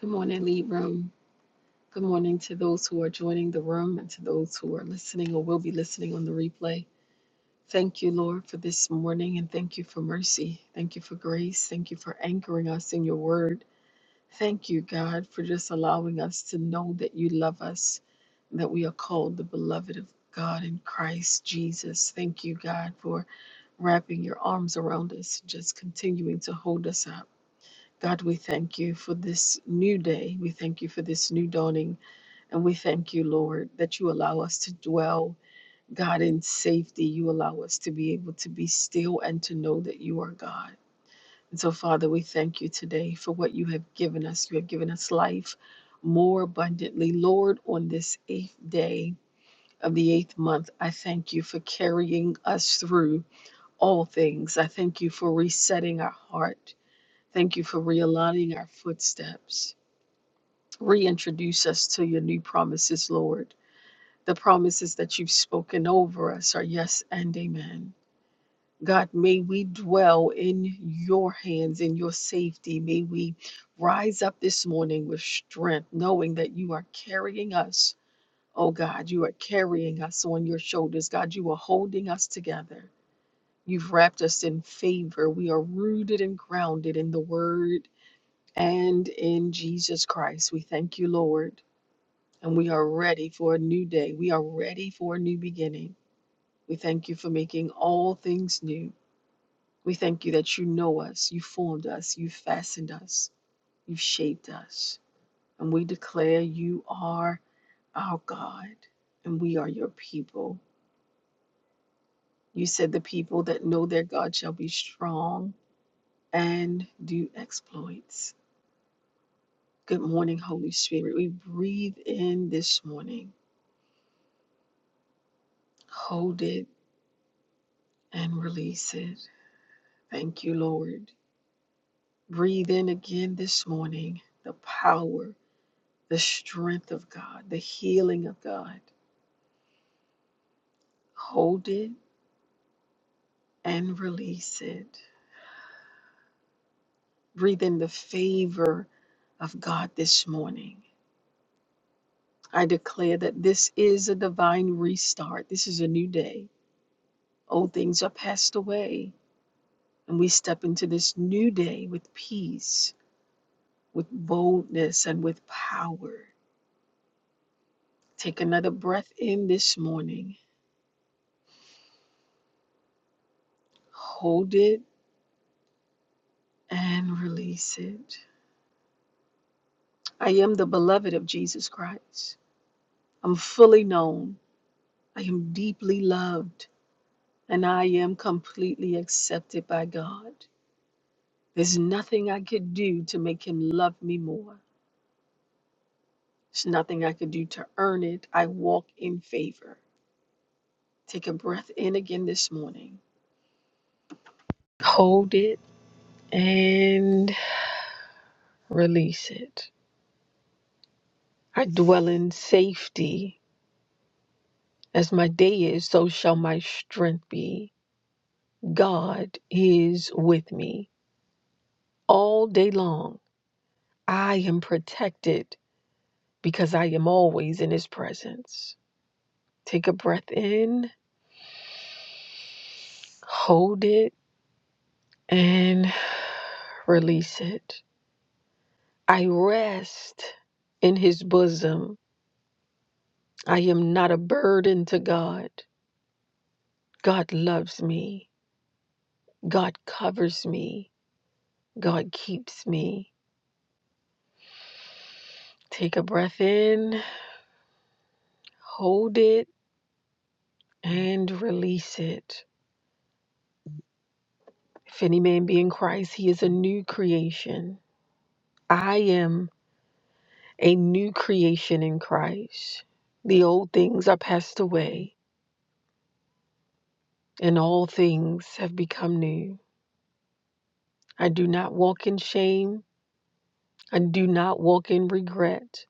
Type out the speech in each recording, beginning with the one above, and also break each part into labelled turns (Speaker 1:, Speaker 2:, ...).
Speaker 1: Good morning, Lead Room. Good morning to those who are joining the room and to those who are listening or will be listening on the replay. Thank you, Lord, for this morning and thank you for mercy. Thank you for grace. Thank you for anchoring us in your word. Thank you, God, for just allowing us to know that you love us, and that we are called the beloved of God in Christ Jesus. Thank you, God, for wrapping your arms around us, just continuing to hold us up. God, we thank you for this new day. We thank you for this new dawning. And we thank you, Lord, that you allow us to dwell, God, in safety. You allow us to be able to be still and to know that you are God. And so, Father, we thank you today for what you have given us. You have given us life more abundantly. Lord, on this eighth day of the eighth month, I thank you for carrying us through all things. I thank you for resetting our heart. Thank you for realigning our footsteps. Reintroduce us to your new promises, Lord. The promises that you've spoken over us are yes and amen. God, may we dwell in your hands, in your safety. May we rise up this morning with strength, knowing that you are carrying us. Oh God, you are carrying us on your shoulders. God, you are holding us together. You've wrapped us in favor. We are rooted and grounded in the word and in Jesus Christ. We thank you, Lord, and we are ready for a new day. We are ready for a new beginning. We thank you for making all things new. We thank you that you know us, you formed us, you fastened us, you shaped us. And we declare you are our God and we are your people. You said the people that know their God shall be strong and do exploits. Good morning, Holy Spirit. We breathe in this morning, hold it and release it. Thank you, Lord. Breathe in again this morning the power the strength of God, the healing of God. Hold it and release it. Breathe in the favor of God this morning. I declare that this is a divine restart. This is a new day. Old things are passed away, and we step into this new day with peace, with boldness, and with power. Take another breath in this morning. Hold it and release it. I am the beloved of Jesus Christ. I'm fully known. I am deeply loved. And I am completely accepted by God. There's nothing I could do to make Him love me more. There's nothing I could do to earn it. I walk in favor. Take a breath in again this morning. Hold it and release it. I dwell in safety. As my day is, so shall my strength be. God is with me all day long. I am protected because I am always in His presence. Take a breath in, hold it, and release it. I rest in His bosom. I am not a burden to God. God loves me, God covers me, God keeps me. Take a breath in, hold it, and release it. If any man be in Christ, he is a new creation. I am. a new creation in Christ. The old things are passed away, and all things have become new. I do not walk in shame. I do not walk in regret.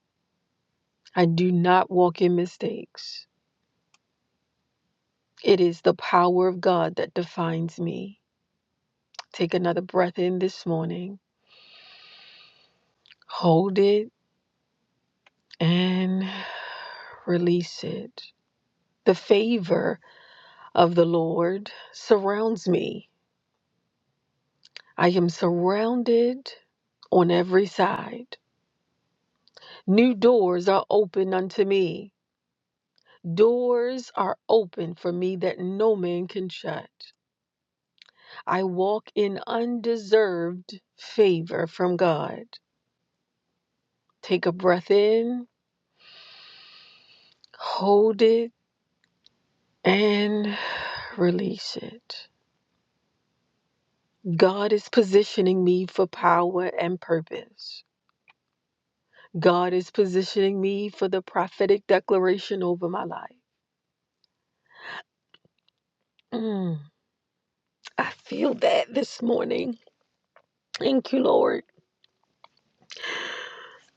Speaker 1: I do not walk in mistakes. It is the power of God that defines me. Take another breath in this morning, hold it, and release it. The favor of the Lord surrounds me. I am surrounded on every side. New doors are open unto me. Doors are open for me that no man can shut. I walk in undeserved favor from God. Take a breath in, hold it, and release it. God is positioning me for power and purpose. God is positioning me for the prophetic declaration over my life. Mm, I feel that this morning. Thank you, Lord.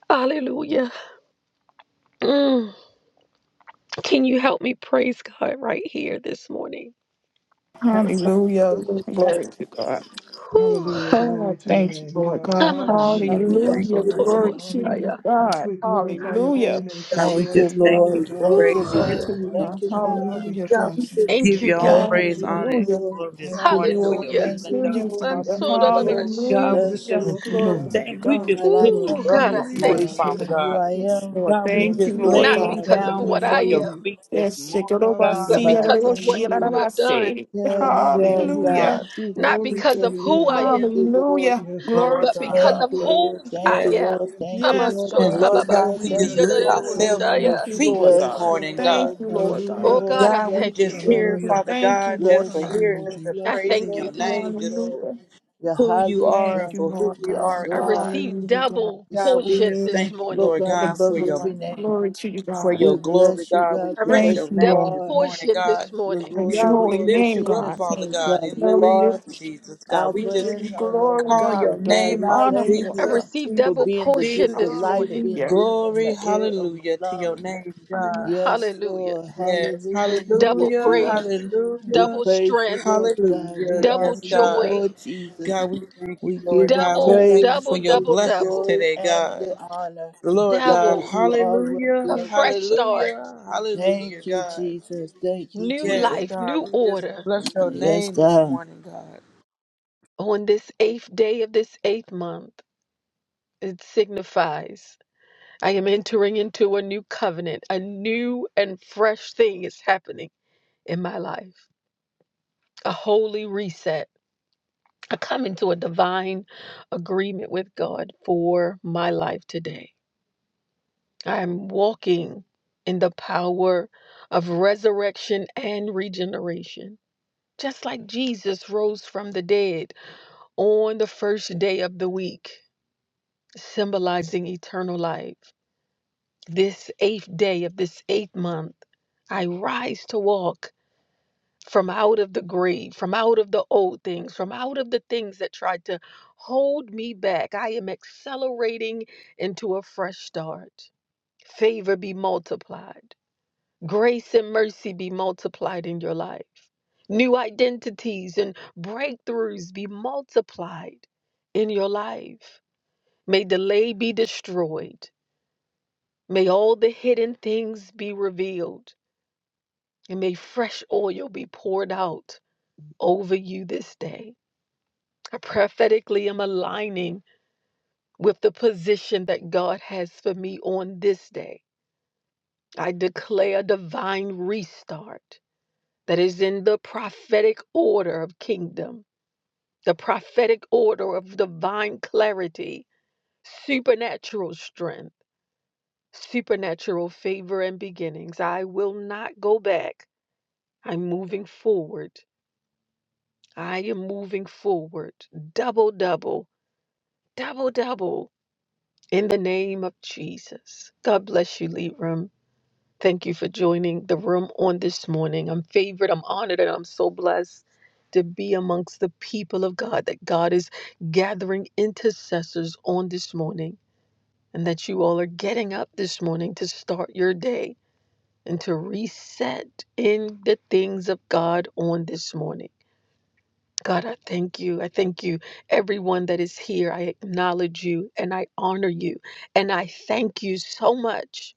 Speaker 1: Hallelujah. Mm. Can you help me praise God right here this morning?
Speaker 2: Right, so,
Speaker 3: Hallelujah.
Speaker 2: Lord
Speaker 3: Glory to God.
Speaker 1: Whew.
Speaker 4: Hallelujah. Glory
Speaker 3: Oh,
Speaker 4: to your
Speaker 3: thank you,
Speaker 4: name,
Speaker 3: Lord
Speaker 4: God.
Speaker 3: God.
Speaker 1: I'm a
Speaker 4: God, we lift
Speaker 2: God,
Speaker 1: sheep.
Speaker 4: you
Speaker 2: we
Speaker 4: up
Speaker 1: You're
Speaker 4: this
Speaker 2: thank
Speaker 1: so
Speaker 3: Hallelujah.
Speaker 2: you
Speaker 4: morning.
Speaker 2: this
Speaker 1: total
Speaker 2: morning.
Speaker 4: We
Speaker 3: Glory to
Speaker 4: honor you.
Speaker 3: you,
Speaker 1: Messiah.
Speaker 3: God.
Speaker 4: We glorify your holy
Speaker 3: Hallelujah.
Speaker 4: name, for
Speaker 2: God, we
Speaker 4: you
Speaker 5: Thank
Speaker 4: are
Speaker 5: you,
Speaker 2: just thank
Speaker 4: truly
Speaker 2: you.
Speaker 5: Lord.
Speaker 2: We
Speaker 4: God
Speaker 5: Thank
Speaker 4: and
Speaker 1: Whew.
Speaker 5: you,
Speaker 2: praise you,
Speaker 4: God
Speaker 3: Glory
Speaker 2: Lord.
Speaker 4: all
Speaker 3: to
Speaker 5: Lord.
Speaker 3: you,
Speaker 4: by
Speaker 3: God.
Speaker 5: Thank you,
Speaker 4: yourself.
Speaker 5: Lord.
Speaker 4: God, we
Speaker 3: Hallelujah,
Speaker 2: God,
Speaker 4: trust
Speaker 3: God.
Speaker 2: we
Speaker 4: you.
Speaker 2: just
Speaker 1: Thank
Speaker 2: give
Speaker 1: you,
Speaker 2: you all
Speaker 1: God.
Speaker 4: God,
Speaker 3: Hallelujah.
Speaker 4: we
Speaker 5: Thank
Speaker 2: praise,
Speaker 4: love
Speaker 5: you,
Speaker 2: honor,
Speaker 4: you.
Speaker 2: and
Speaker 5: Lord.
Speaker 2: glory this
Speaker 5: Thank
Speaker 4: God,
Speaker 5: you,
Speaker 4: we
Speaker 2: morning for
Speaker 5: Lord.
Speaker 4: honor
Speaker 2: your
Speaker 1: Hallelujah.
Speaker 4: you.
Speaker 5: Thank you,
Speaker 2: healing,
Speaker 3: Glory to
Speaker 2: God.
Speaker 3: you,
Speaker 5: Lord.
Speaker 4: We
Speaker 3: Father.
Speaker 5: Thank you,
Speaker 1: Mansoda
Speaker 4: praise you.
Speaker 5: Lord. We
Speaker 4: We
Speaker 1: Babashi.
Speaker 2: God, we
Speaker 5: bless
Speaker 4: lift
Speaker 3: Hallelujah.
Speaker 4: you
Speaker 2: just
Speaker 5: you.
Speaker 4: up,
Speaker 6: Thank you,
Speaker 4: oh
Speaker 3: Glory
Speaker 4: God.
Speaker 3: to
Speaker 6: Lord,
Speaker 3: you,
Speaker 2: thank, we
Speaker 5: Lord
Speaker 2: just
Speaker 3: God.
Speaker 5: God,
Speaker 4: You
Speaker 2: lift
Speaker 5: I
Speaker 4: are
Speaker 2: you
Speaker 1: Ooh,
Speaker 5: am a
Speaker 2: up
Speaker 1: God,
Speaker 5: new
Speaker 1: I
Speaker 2: this
Speaker 4: truly
Speaker 3: Glory to
Speaker 2: morning,
Speaker 1: thank
Speaker 4: God.
Speaker 3: you,
Speaker 5: creation
Speaker 1: you.
Speaker 2: Father
Speaker 5: in
Speaker 3: God.
Speaker 5: you.
Speaker 2: God.
Speaker 5: I
Speaker 3: Yes,
Speaker 5: am,
Speaker 3: Lord.
Speaker 2: God,
Speaker 4: You
Speaker 2: we
Speaker 4: are
Speaker 3: Thank you,
Speaker 2: just
Speaker 4: truly
Speaker 5: Lord
Speaker 3: Lord
Speaker 1: Not
Speaker 2: lay
Speaker 4: God.
Speaker 3: God.
Speaker 5: God,
Speaker 4: God,
Speaker 1: because
Speaker 5: a
Speaker 1: of
Speaker 4: we
Speaker 2: down
Speaker 1: what I
Speaker 2: before
Speaker 4: follow
Speaker 5: new.
Speaker 2: your
Speaker 4: you.
Speaker 1: am,
Speaker 2: feet this
Speaker 3: Yes, shake it
Speaker 2: morning,
Speaker 4: God,
Speaker 3: over.
Speaker 4: we
Speaker 2: God.
Speaker 5: Lord
Speaker 1: but
Speaker 3: See
Speaker 5: God,
Speaker 3: it
Speaker 5: I
Speaker 4: leave.
Speaker 1: because
Speaker 3: over.
Speaker 1: of
Speaker 4: We
Speaker 5: thank
Speaker 1: what
Speaker 3: She it
Speaker 4: love
Speaker 5: you.
Speaker 1: you
Speaker 4: you.
Speaker 3: over.
Speaker 1: have done.
Speaker 3: Say,
Speaker 5: Yes,
Speaker 4: Hallelujah,
Speaker 5: Lord,
Speaker 2: Yes,
Speaker 5: we
Speaker 2: God.
Speaker 3: Hallelujah.
Speaker 5: thank
Speaker 4: Jesus.
Speaker 5: you,
Speaker 1: Not
Speaker 4: Glory
Speaker 1: because
Speaker 4: to
Speaker 5: Jesus.
Speaker 1: of
Speaker 4: your
Speaker 5: We
Speaker 1: who I
Speaker 4: name.
Speaker 5: thank
Speaker 1: am,
Speaker 5: you, Lord.
Speaker 3: Hallelujah.
Speaker 4: Yes,
Speaker 3: Glory
Speaker 2: Lord
Speaker 4: Lord.
Speaker 1: but
Speaker 3: to you,
Speaker 2: God.
Speaker 1: because
Speaker 3: God.
Speaker 5: Thank
Speaker 1: of
Speaker 5: you,
Speaker 2: God.
Speaker 5: Lord.
Speaker 1: whose
Speaker 5: Thank
Speaker 1: I
Speaker 5: you,
Speaker 2: Yes.
Speaker 5: Lord.
Speaker 1: am.
Speaker 4: Yes,
Speaker 5: Thank you,
Speaker 3: Yes,
Speaker 5: Lord.
Speaker 2: And
Speaker 3: God.
Speaker 1: Amanshota
Speaker 5: Thank you,
Speaker 2: Lord God,
Speaker 5: Lord.
Speaker 2: we
Speaker 1: Babasi
Speaker 2: just
Speaker 5: Thank you,
Speaker 4: Yes,
Speaker 2: lay
Speaker 4: Lord.
Speaker 5: Lord.
Speaker 2: ourselves at your
Speaker 4: Hallelujah,
Speaker 3: Thank
Speaker 1: Diyadadadabosaya.
Speaker 3: you,
Speaker 2: feet
Speaker 3: Lord
Speaker 4: Jesus.
Speaker 2: this
Speaker 5: Bless
Speaker 3: God.
Speaker 5: you,
Speaker 2: morning, God.
Speaker 3: Thank
Speaker 5: Lord.
Speaker 3: you, Lord
Speaker 5: Bless you,
Speaker 3: God.
Speaker 1: Oh,
Speaker 4: Hallelujah.
Speaker 1: God,
Speaker 5: Lord.
Speaker 1: I
Speaker 2: God,
Speaker 5: Bless
Speaker 2: we
Speaker 1: thank
Speaker 5: you,
Speaker 2: just
Speaker 1: you.
Speaker 2: here,
Speaker 5: Lord.
Speaker 3: We
Speaker 4: Hallelujah.
Speaker 2: Father
Speaker 3: thank you,
Speaker 2: God, just
Speaker 3: Lord
Speaker 2: for
Speaker 5: Bless you,
Speaker 3: God.
Speaker 2: here,
Speaker 4: Hallelujah,
Speaker 2: just
Speaker 5: Lord.
Speaker 2: for
Speaker 1: I
Speaker 5: Bless
Speaker 4: Jesus.
Speaker 5: you,
Speaker 2: praising
Speaker 1: thank you
Speaker 5: Lord.
Speaker 2: your
Speaker 1: this
Speaker 5: Bless
Speaker 2: name,
Speaker 5: you,
Speaker 1: morning.
Speaker 2: just
Speaker 5: Lord.
Speaker 2: for
Speaker 3: Hallelujah.
Speaker 5: You're
Speaker 2: who you
Speaker 5: highly
Speaker 2: are
Speaker 3: Thank
Speaker 2: and
Speaker 3: you,
Speaker 2: for
Speaker 5: exalted.
Speaker 2: who
Speaker 3: Lord
Speaker 2: we
Speaker 5: Yes,
Speaker 3: God.
Speaker 2: are,
Speaker 1: I
Speaker 5: Lord.
Speaker 2: God.
Speaker 1: received
Speaker 3: Hallelujah, God.
Speaker 1: double
Speaker 2: God, we
Speaker 1: portion
Speaker 2: just
Speaker 1: this
Speaker 5: Esteem,
Speaker 2: thank you,
Speaker 1: morning.
Speaker 5: Lord
Speaker 2: Lord
Speaker 5: God,
Speaker 2: God,
Speaker 3: Yes,
Speaker 2: for
Speaker 5: above
Speaker 2: your
Speaker 5: every
Speaker 3: Lord.
Speaker 5: name.
Speaker 3: Glory to you,
Speaker 2: for
Speaker 3: God.
Speaker 5: We
Speaker 2: your glory,
Speaker 5: bless you,
Speaker 2: God. We
Speaker 5: God,
Speaker 1: I
Speaker 2: bless
Speaker 3: Thank
Speaker 5: because
Speaker 2: your
Speaker 1: received
Speaker 3: you,
Speaker 5: you
Speaker 2: name
Speaker 1: double
Speaker 3: Lord.
Speaker 2: this
Speaker 5: are
Speaker 2: morning,
Speaker 1: portion
Speaker 2: God.
Speaker 1: this
Speaker 5: the
Speaker 1: morning.
Speaker 3: Praise
Speaker 5: Lord
Speaker 3: your
Speaker 5: of
Speaker 2: God,
Speaker 3: holy
Speaker 2: we
Speaker 5: Lords, the
Speaker 2: lift
Speaker 3: name,
Speaker 2: you
Speaker 5: King of
Speaker 2: up,
Speaker 3: God.
Speaker 2: Father
Speaker 5: Kings,
Speaker 2: God,
Speaker 5: God.
Speaker 2: in the
Speaker 5: You
Speaker 3: Glory to
Speaker 2: name
Speaker 5: are
Speaker 2: of
Speaker 3: you.
Speaker 2: Jesus, God. We
Speaker 5: Alpha
Speaker 3: We
Speaker 2: just
Speaker 3: give you
Speaker 5: and
Speaker 3: glory,
Speaker 2: call
Speaker 3: God.
Speaker 5: Omega,
Speaker 2: your
Speaker 3: We give
Speaker 5: God.
Speaker 3: you
Speaker 2: name
Speaker 5: We
Speaker 2: out,
Speaker 3: honor,
Speaker 5: thank
Speaker 3: Lord
Speaker 1: I
Speaker 5: you
Speaker 2: Jesus,
Speaker 3: God.
Speaker 1: received
Speaker 5: for
Speaker 2: Jesus,
Speaker 1: double
Speaker 5: being the
Speaker 1: portion
Speaker 5: gift of
Speaker 1: this
Speaker 2: Jesus.
Speaker 5: life,
Speaker 1: morning.
Speaker 5: being
Speaker 3: Hallelujah.
Speaker 5: breathing
Speaker 2: Glory,
Speaker 5: the air of my
Speaker 2: hallelujah to your
Speaker 5: lungs.
Speaker 2: name,
Speaker 3: Hallelujah.
Speaker 2: God.
Speaker 5: Yes,
Speaker 1: Hallelujah.
Speaker 5: Lord.
Speaker 2: Yes.
Speaker 5: Hallelujah. We
Speaker 1: Double
Speaker 5: lift
Speaker 2: Hallelujah.
Speaker 5: you up.
Speaker 1: grace,
Speaker 5: We
Speaker 2: Hallelujah.
Speaker 1: double
Speaker 5: praise you,
Speaker 1: strength,
Speaker 5: Lord God. We
Speaker 2: Hallelujah.
Speaker 1: double
Speaker 5: honor
Speaker 2: Yes,
Speaker 5: you,
Speaker 1: joy,
Speaker 2: God.
Speaker 5: Lord Jesus.
Speaker 2: God, we thank you,
Speaker 5: We
Speaker 2: Lord
Speaker 5: give you
Speaker 2: God. We
Speaker 1: double,
Speaker 2: thank you
Speaker 5: praise.
Speaker 2: for
Speaker 1: double,
Speaker 5: We
Speaker 2: your
Speaker 5: give
Speaker 1: double,
Speaker 5: you
Speaker 2: blessings
Speaker 1: double,
Speaker 5: glory
Speaker 2: today,
Speaker 5: and
Speaker 2: God.
Speaker 5: the honor
Speaker 2: Lord God,
Speaker 5: because
Speaker 1: double.
Speaker 5: you are worthy
Speaker 1: A
Speaker 2: hallelujah,
Speaker 5: of our
Speaker 1: fresh
Speaker 5: praise.
Speaker 1: start,
Speaker 2: hallelujah, hallelujah,
Speaker 5: Thank you,
Speaker 2: God.
Speaker 5: Jesus. Thank you,
Speaker 1: new
Speaker 2: Yes,
Speaker 5: Jesus.
Speaker 1: life,
Speaker 2: God,
Speaker 1: new
Speaker 2: we just
Speaker 1: order
Speaker 2: bless your
Speaker 5: Yes,
Speaker 2: name this
Speaker 5: God.
Speaker 2: morning, God.
Speaker 1: on this eighth day of this eighth month. It signifies. I am entering into a new covenant. A new and fresh thing is happening in my life. A holy reset. I come into a divine agreement with God for my life today. I'm walking in the power of resurrection and regeneration. Just like Jesus rose from the dead on the first day of the week, symbolizing eternal life. This eighth day of this eighth month, I rise to walk from out of the grave, from out of the old things, from out of the things that tried to hold me back. I am accelerating into a fresh start. Favor be multiplied, grace and mercy be multiplied in your life. New identities and breakthroughs be multiplied in your life. May delay be destroyed. May all the hidden things be revealed. And may fresh oil be poured out over you this day. I prophetically am aligning with the position that God has for me on this day. I declare a divine restart that is in the prophetic order of kingdom, the prophetic order of divine clarity, supernatural strength, supernatural favor and beginnings. I will not go back. I'm moving forward I am moving forward. Double, double, double, double in the name of Jesus. God bless you, Lead Room. Thank you for joining the room on this morning. I'm favored, I'm honored, and I'm so blessed to be amongst the people of God, that God is gathering intercessors on this morning, and that you all are getting up this morning to start your day and to reset in the things of God on this morning. God, I thank you. I thank you. Everyone that is here, I acknowledge you and I honor you. And I thank you so much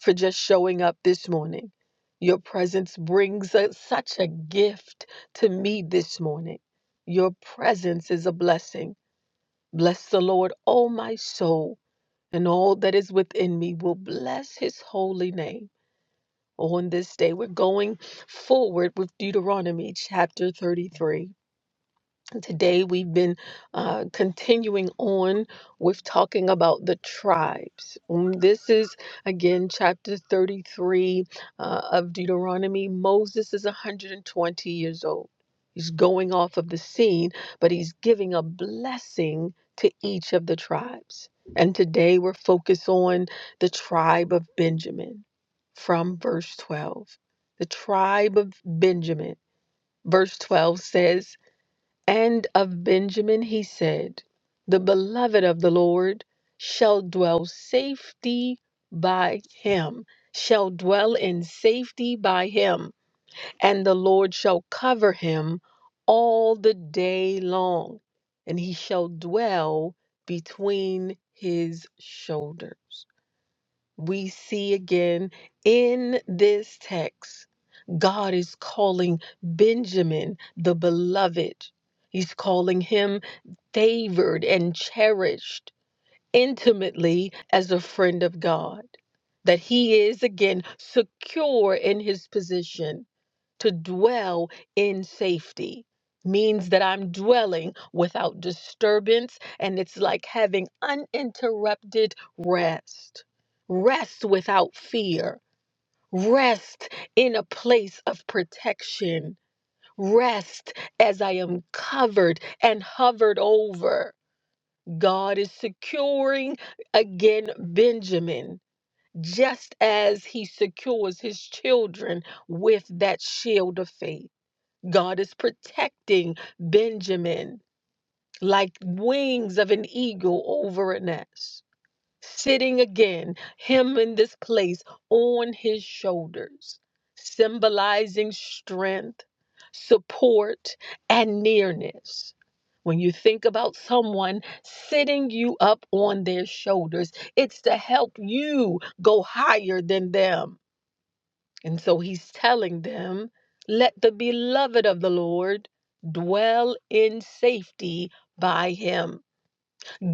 Speaker 1: for just showing up this morning. Your presence brings a, such a gift to me this morning. Your presence is a blessing. Bless the Lord, O my soul, and all that is within me will bless his holy name. On this day, we're going forward with Deuteronomy chapter 33. Today, we've been uh, continuing on with talking about the tribes. Mm, This is again chapter 33 uh, of Deuteronomy. Moses is 120 years old. He's going off of the scene, but he's giving a blessing to each of the tribes. And today, we're focused on the tribe of Benjamin from verse 12. The tribe of Benjamin, verse 12 says, and of Benjamin he said, The beloved of the Lord shall dwell safety by him, shall dwell in safety by him, and the Lord shall cover him all the day long, and he shall dwell between his shoulders. We see again in this text, God is calling Benjamin the beloved. He's calling him favored and cherished intimately as a friend of God. That he is again secure in his position to dwell in safety means that I'm dwelling without disturbance, and it's like having uninterrupted rest. Rest without fear, rest in a place of protection, rest as I am covered and hovered over God is securing again Benjamin, just as he secures his children with that shield of faith. God is protecting Benjamin like wings of an eagle over a nest sitting again, him in this place on his shoulders, symbolizing strength, support, and nearness. When you think about someone sitting you up on their shoulders, it's to help you go higher than them. And so he's telling them, let the beloved of the Lord dwell in safety by him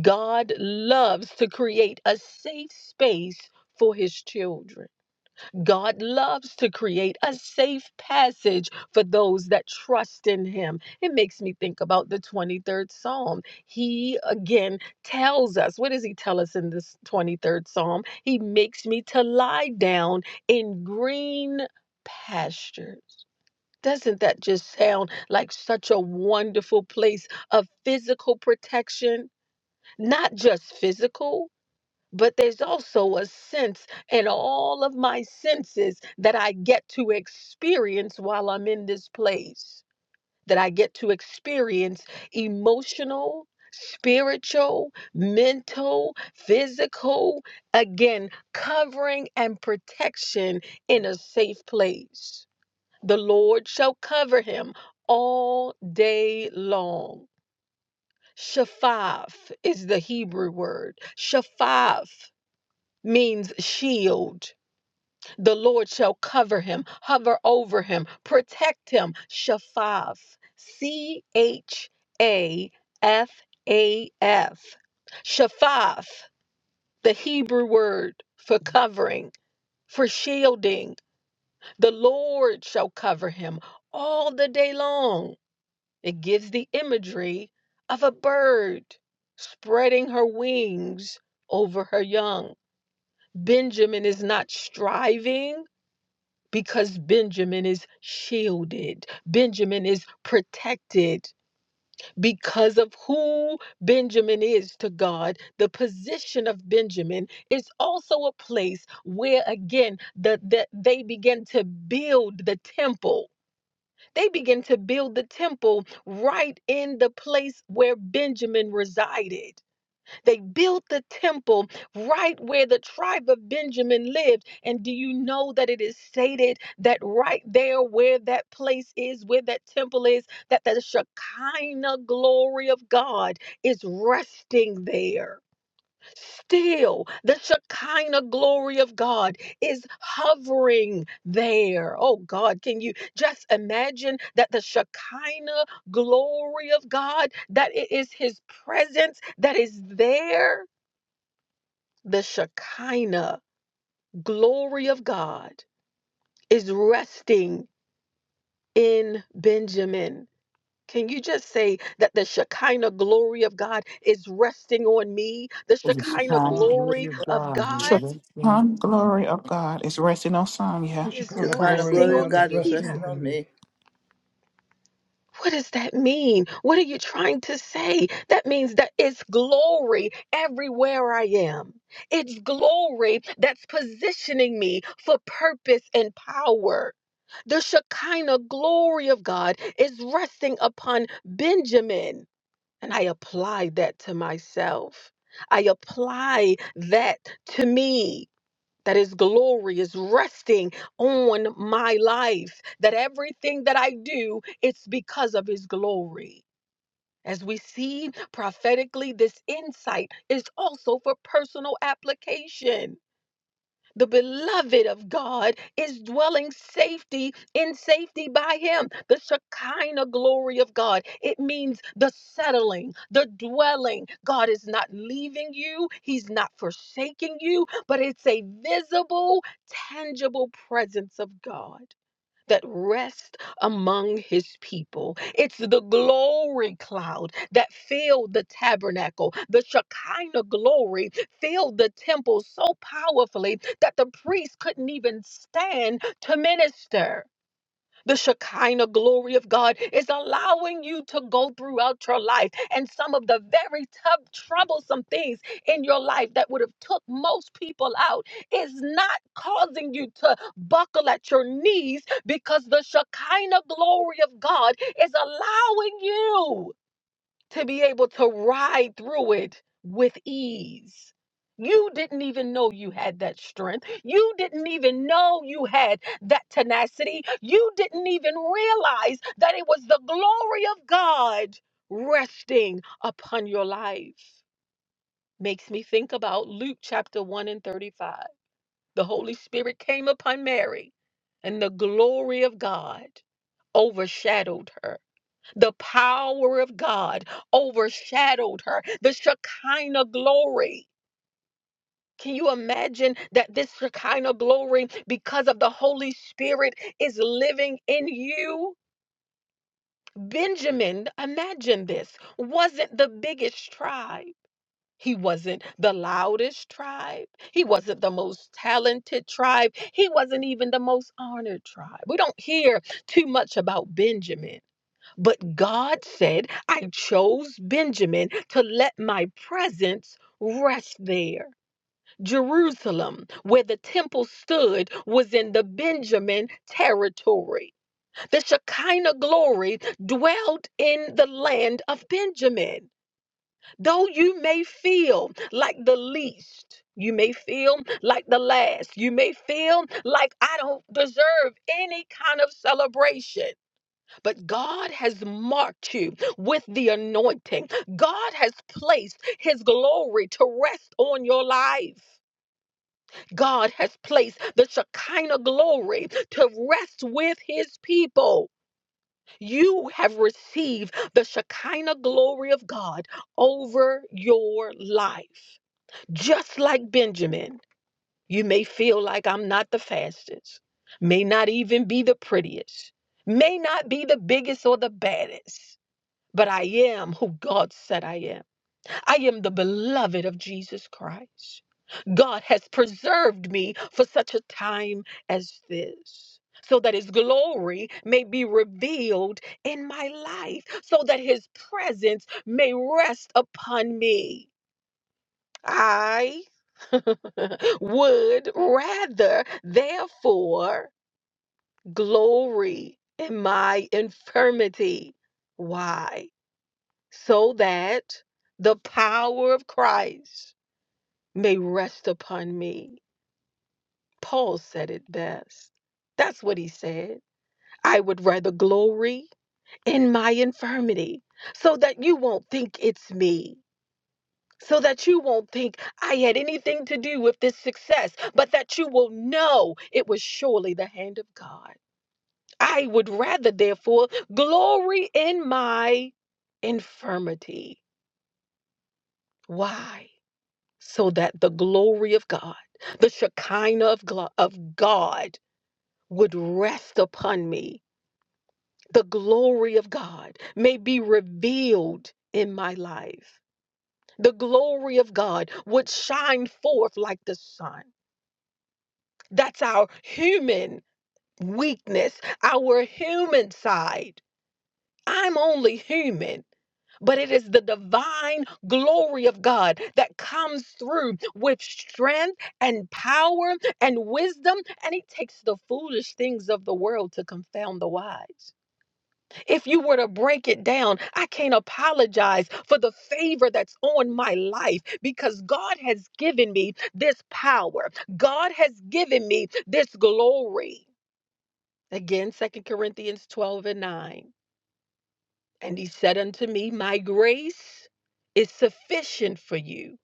Speaker 1: God loves to create a safe space for his children. God loves to create a safe passage for those that trust in him. It makes me think about the 23rd Psalm. He again tells us, what does he tell us in this 23rd Psalm? He makes me to lie down in green pastures. Doesn't that just sound like such a wonderful place of physical protection? not just physical, but there's also a sense in all of my senses that I get to experience while I'm in this place, that I get to experience emotional. Spiritual, mental, physical, again, covering and protection in a safe place. The Lord shall cover him all day long. Shaphath is the Hebrew word. Shaphath means shield. The Lord shall cover him, hover over him, protect him. Shaphath. C H A F A F. Shaphath, the Hebrew word for covering, for shielding. The Lord shall cover him all the day long. It gives the imagery of a bird spreading her wings over her young. Benjamin is not striving because Benjamin is shielded. Benjamin is protected because of who Benjamin is to God. The position of Benjamin is also a place where, again, the, the, they begin to build the temple they began to build the temple right in the place where Benjamin resided. They built the temple right where the tribe of Benjamin lived. And do you know that it is stated that right there, where that place is, where that temple is, that the Shekinah glory of God is resting there? Still, the Shekinah glory of God is hovering there. Oh God, can you just imagine that the Shekinah glory of God, that it is His presence that is there? The Shekinah glory of God is resting in Benjamin. Can you just say that the Shekinah glory of God is resting on me? The
Speaker 6: for this
Speaker 2: Yes,
Speaker 1: Shekinah
Speaker 6: time. The
Speaker 2: God.
Speaker 6: glory
Speaker 1: glory
Speaker 6: of
Speaker 1: of
Speaker 6: God is
Speaker 1: God
Speaker 6: blessing.
Speaker 3: Honor, glory of God is resting on
Speaker 4: The
Speaker 3: Sonya,
Speaker 1: is
Speaker 5: The
Speaker 4: Shekinah
Speaker 5: kind of
Speaker 4: glory,
Speaker 1: resting
Speaker 5: glory of
Speaker 1: on
Speaker 4: God, is
Speaker 5: God is
Speaker 1: Davida.
Speaker 4: resting
Speaker 5: resting
Speaker 4: on
Speaker 5: on
Speaker 4: me.
Speaker 5: me.
Speaker 1: What does that mean? What are you trying to say? That means that it's glory everywhere I am. It's glory that's positioning me for purpose and power. The Shekinah glory of God is resting upon Benjamin. And I apply that to myself. I apply that to me. that his glory is resting on my life, that everything that I do, it's because of his glory. As we see prophetically, this insight is also for personal application the beloved of God is dwelling safety in safety by him. The Shekinah glory of God. It means the settling, the dwelling. God is not leaving you, he's not forsaking you, but it's a visible, tangible presence of God that rest among his people. It's the glory cloud that filled the tabernacle. The Shekinah glory filled the temple so powerfully that the priest couldn't even stand to minister. The Shekinah glory of God is allowing you to go throughout your life and some of the very tough, troublesome things in your life that would have took most people out is not causing you to buckle at your knees because the Shekinah glory of God is allowing you to be able to ride through it with ease. You didn't even know you had that strength. You didn't even know you had that tenacity. You didn't even realize that it was the glory of God resting upon your life. Makes me think about Luke chapter 1 and 35. The Holy Spirit came upon Mary, and the glory of God overshadowed her the power of God overshadowed her, the Shekinah glory. Can you imagine that this Shekinah glory, because of the Holy Spirit, is living in you? Benjamin, imagine this, wasn't the biggest tribe. He wasn't the loudest tribe. He wasn't the most talented tribe. He wasn't even the most honored tribe. We don't hear too much about Benjamin. But God said, I chose Benjamin to let my presence rest there. Jerusalem, where the temple stood, was in the Benjamin territory. The Shekinah glory dwelled in the land of Benjamin. Though you may feel like the least, you may feel like the last, you may feel like I don't deserve any kind of celebration but God has marked you with the anointing. God has placed his glory to rest on your life. God has placed the Shekinah glory to rest with his people. You have received the Shekinah glory of God over your life. Just like Benjamin, you may feel like I'm not the fastest, may not even be the prettiest, may not be the biggest or the baddest but I am who God said I am. I am the beloved of Jesus Christ. God has preserved me for such a time as this. So that his glory may be revealed in my life, so that his presence may rest upon me. I would rather, therefore, glory in my infirmity. Why? so that the power of Christ may rest upon me. Paul said it best. That's what he said. I would rather glory in my infirmity so that you won't think it's me. So that you won't think I had anything to do with this success, but that you will know it was surely the hand of God. I would rather, therefore, glory in my infirmity. Why? so that the glory of God, the Shekinah of, glo- of God, would rest upon me. The glory of God may be revealed in my life. The glory of God would shine forth like the sun. That's our human weakness, our human side. I'm only human. But it is the divine glory of God that comes through with strength and power and wisdom. And He takes the foolish things of the world to confound the wise. If you were to break it down, I can't apologize for the favor that's on my life because God has given me this power, God has given me this glory. Again, Second Corinthians 12 and 9. And he said unto me, My grace is sufficient for you,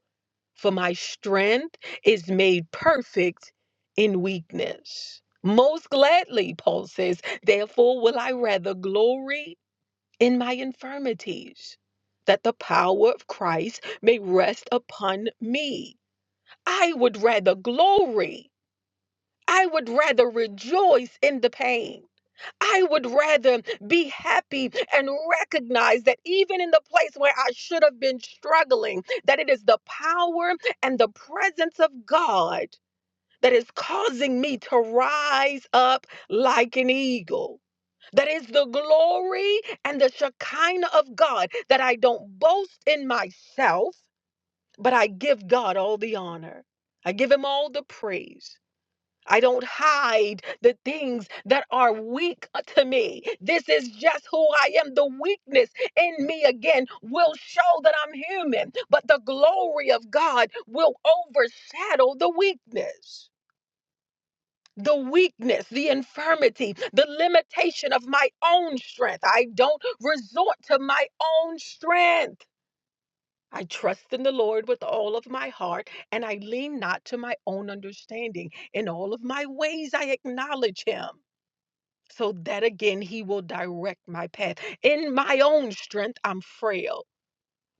Speaker 1: for my strength is made perfect in weakness. Most gladly, Paul says, therefore will I rather glory in my infirmities, that the power of Christ may rest upon me. I would rather glory, I would rather rejoice in the pain I would rather be happy and recognize that even in the place where I should have been struggling, that it is the power and the presence of God that is causing me to rise up like an eagle. That is the glory and the Shekinah of God that I don't boast in myself, but I give God all the honor. I give him all the praise. I don't hide the things that are weak uh, to me. This is just who I am. The weakness in me again will show that I'm human, but the glory of God will overshadow the weakness. The weakness, the infirmity, the limitation of my own strength. I don't resort to my own strength. I trust in the Lord with all of my heart, and I lean not to my own understanding. In all of my ways, I acknowledge him, so that again he will direct my path. In my own strength, I'm frail.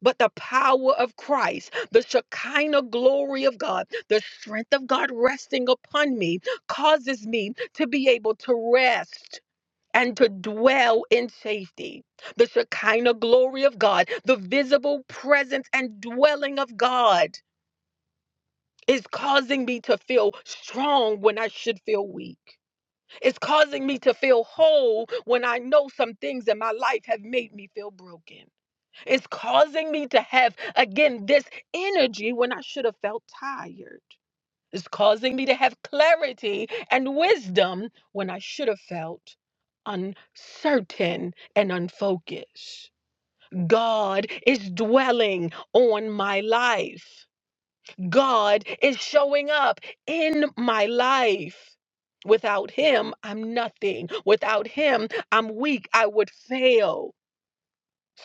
Speaker 1: But the power of Christ, the Shekinah glory of God, the strength of God resting upon me causes me to be able to rest and to dwell in safety. The Shekinah glory of God, the visible presence and dwelling of God is causing me to feel strong when I should feel weak. It's causing me to feel whole when I know some things in my life have made me feel broken. It's causing me to have, again, this energy when I should have felt tired. Is causing me to have clarity and wisdom when I should have felt uncertain and unfocused. God is dwelling on my life. God is showing up in my life. Without him, I'm nothing. Without him, I'm weak. I would fail.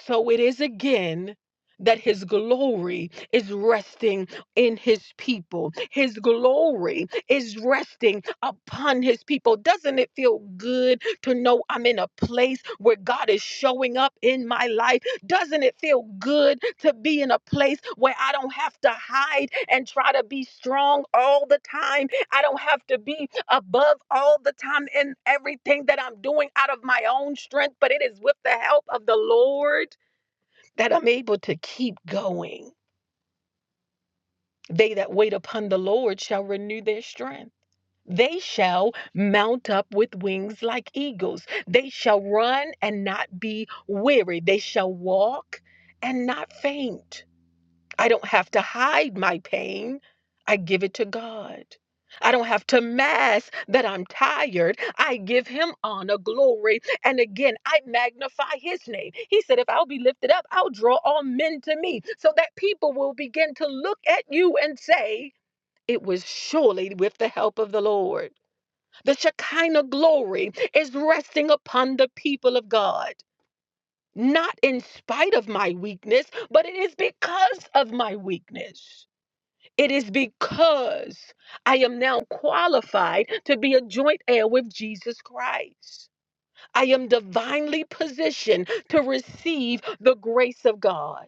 Speaker 1: So it is again that his glory is resting in his people. His glory is resting upon his people. Doesn't it feel good to know I'm in a place where God is showing up in my life? Doesn't it feel good to be in a place where I don't have to hide and try to be strong all the time? I don't have to be above all the time in everything that I'm doing out of my own strength, but it is with the help of the Lord that I'm able to keep going. They that wait upon the Lord shall renew their strength. They shall mount up with wings like eagles. They shall run and not be weary. They shall walk and not faint. I don't have to hide my pain. I give it to God. I don't have to mask that I'm tired. I give him honor, glory, and again, I magnify his name. He said, If I'll be lifted up, I'll draw all men to me so that people will begin to look at you and say, It was surely with the help of the Lord. The Shekinah glory is resting upon the people of God, not in spite of my weakness, but it is because of my weakness. It is because I am now qualified to be a joint heir with Jesus Christ. I am divinely positioned to receive the grace of God.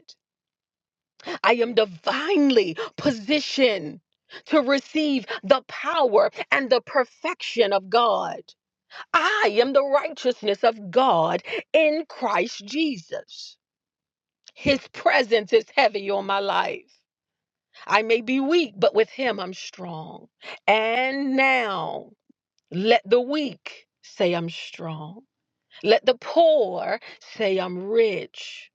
Speaker 1: I am divinely positioned to receive the power and the perfection of God. I am the righteousness of God in Christ Jesus. His presence is heavy on my life. I may be weak, but with him I'm strong. And now let the weak say I'm strong. Let the poor say I'm rich.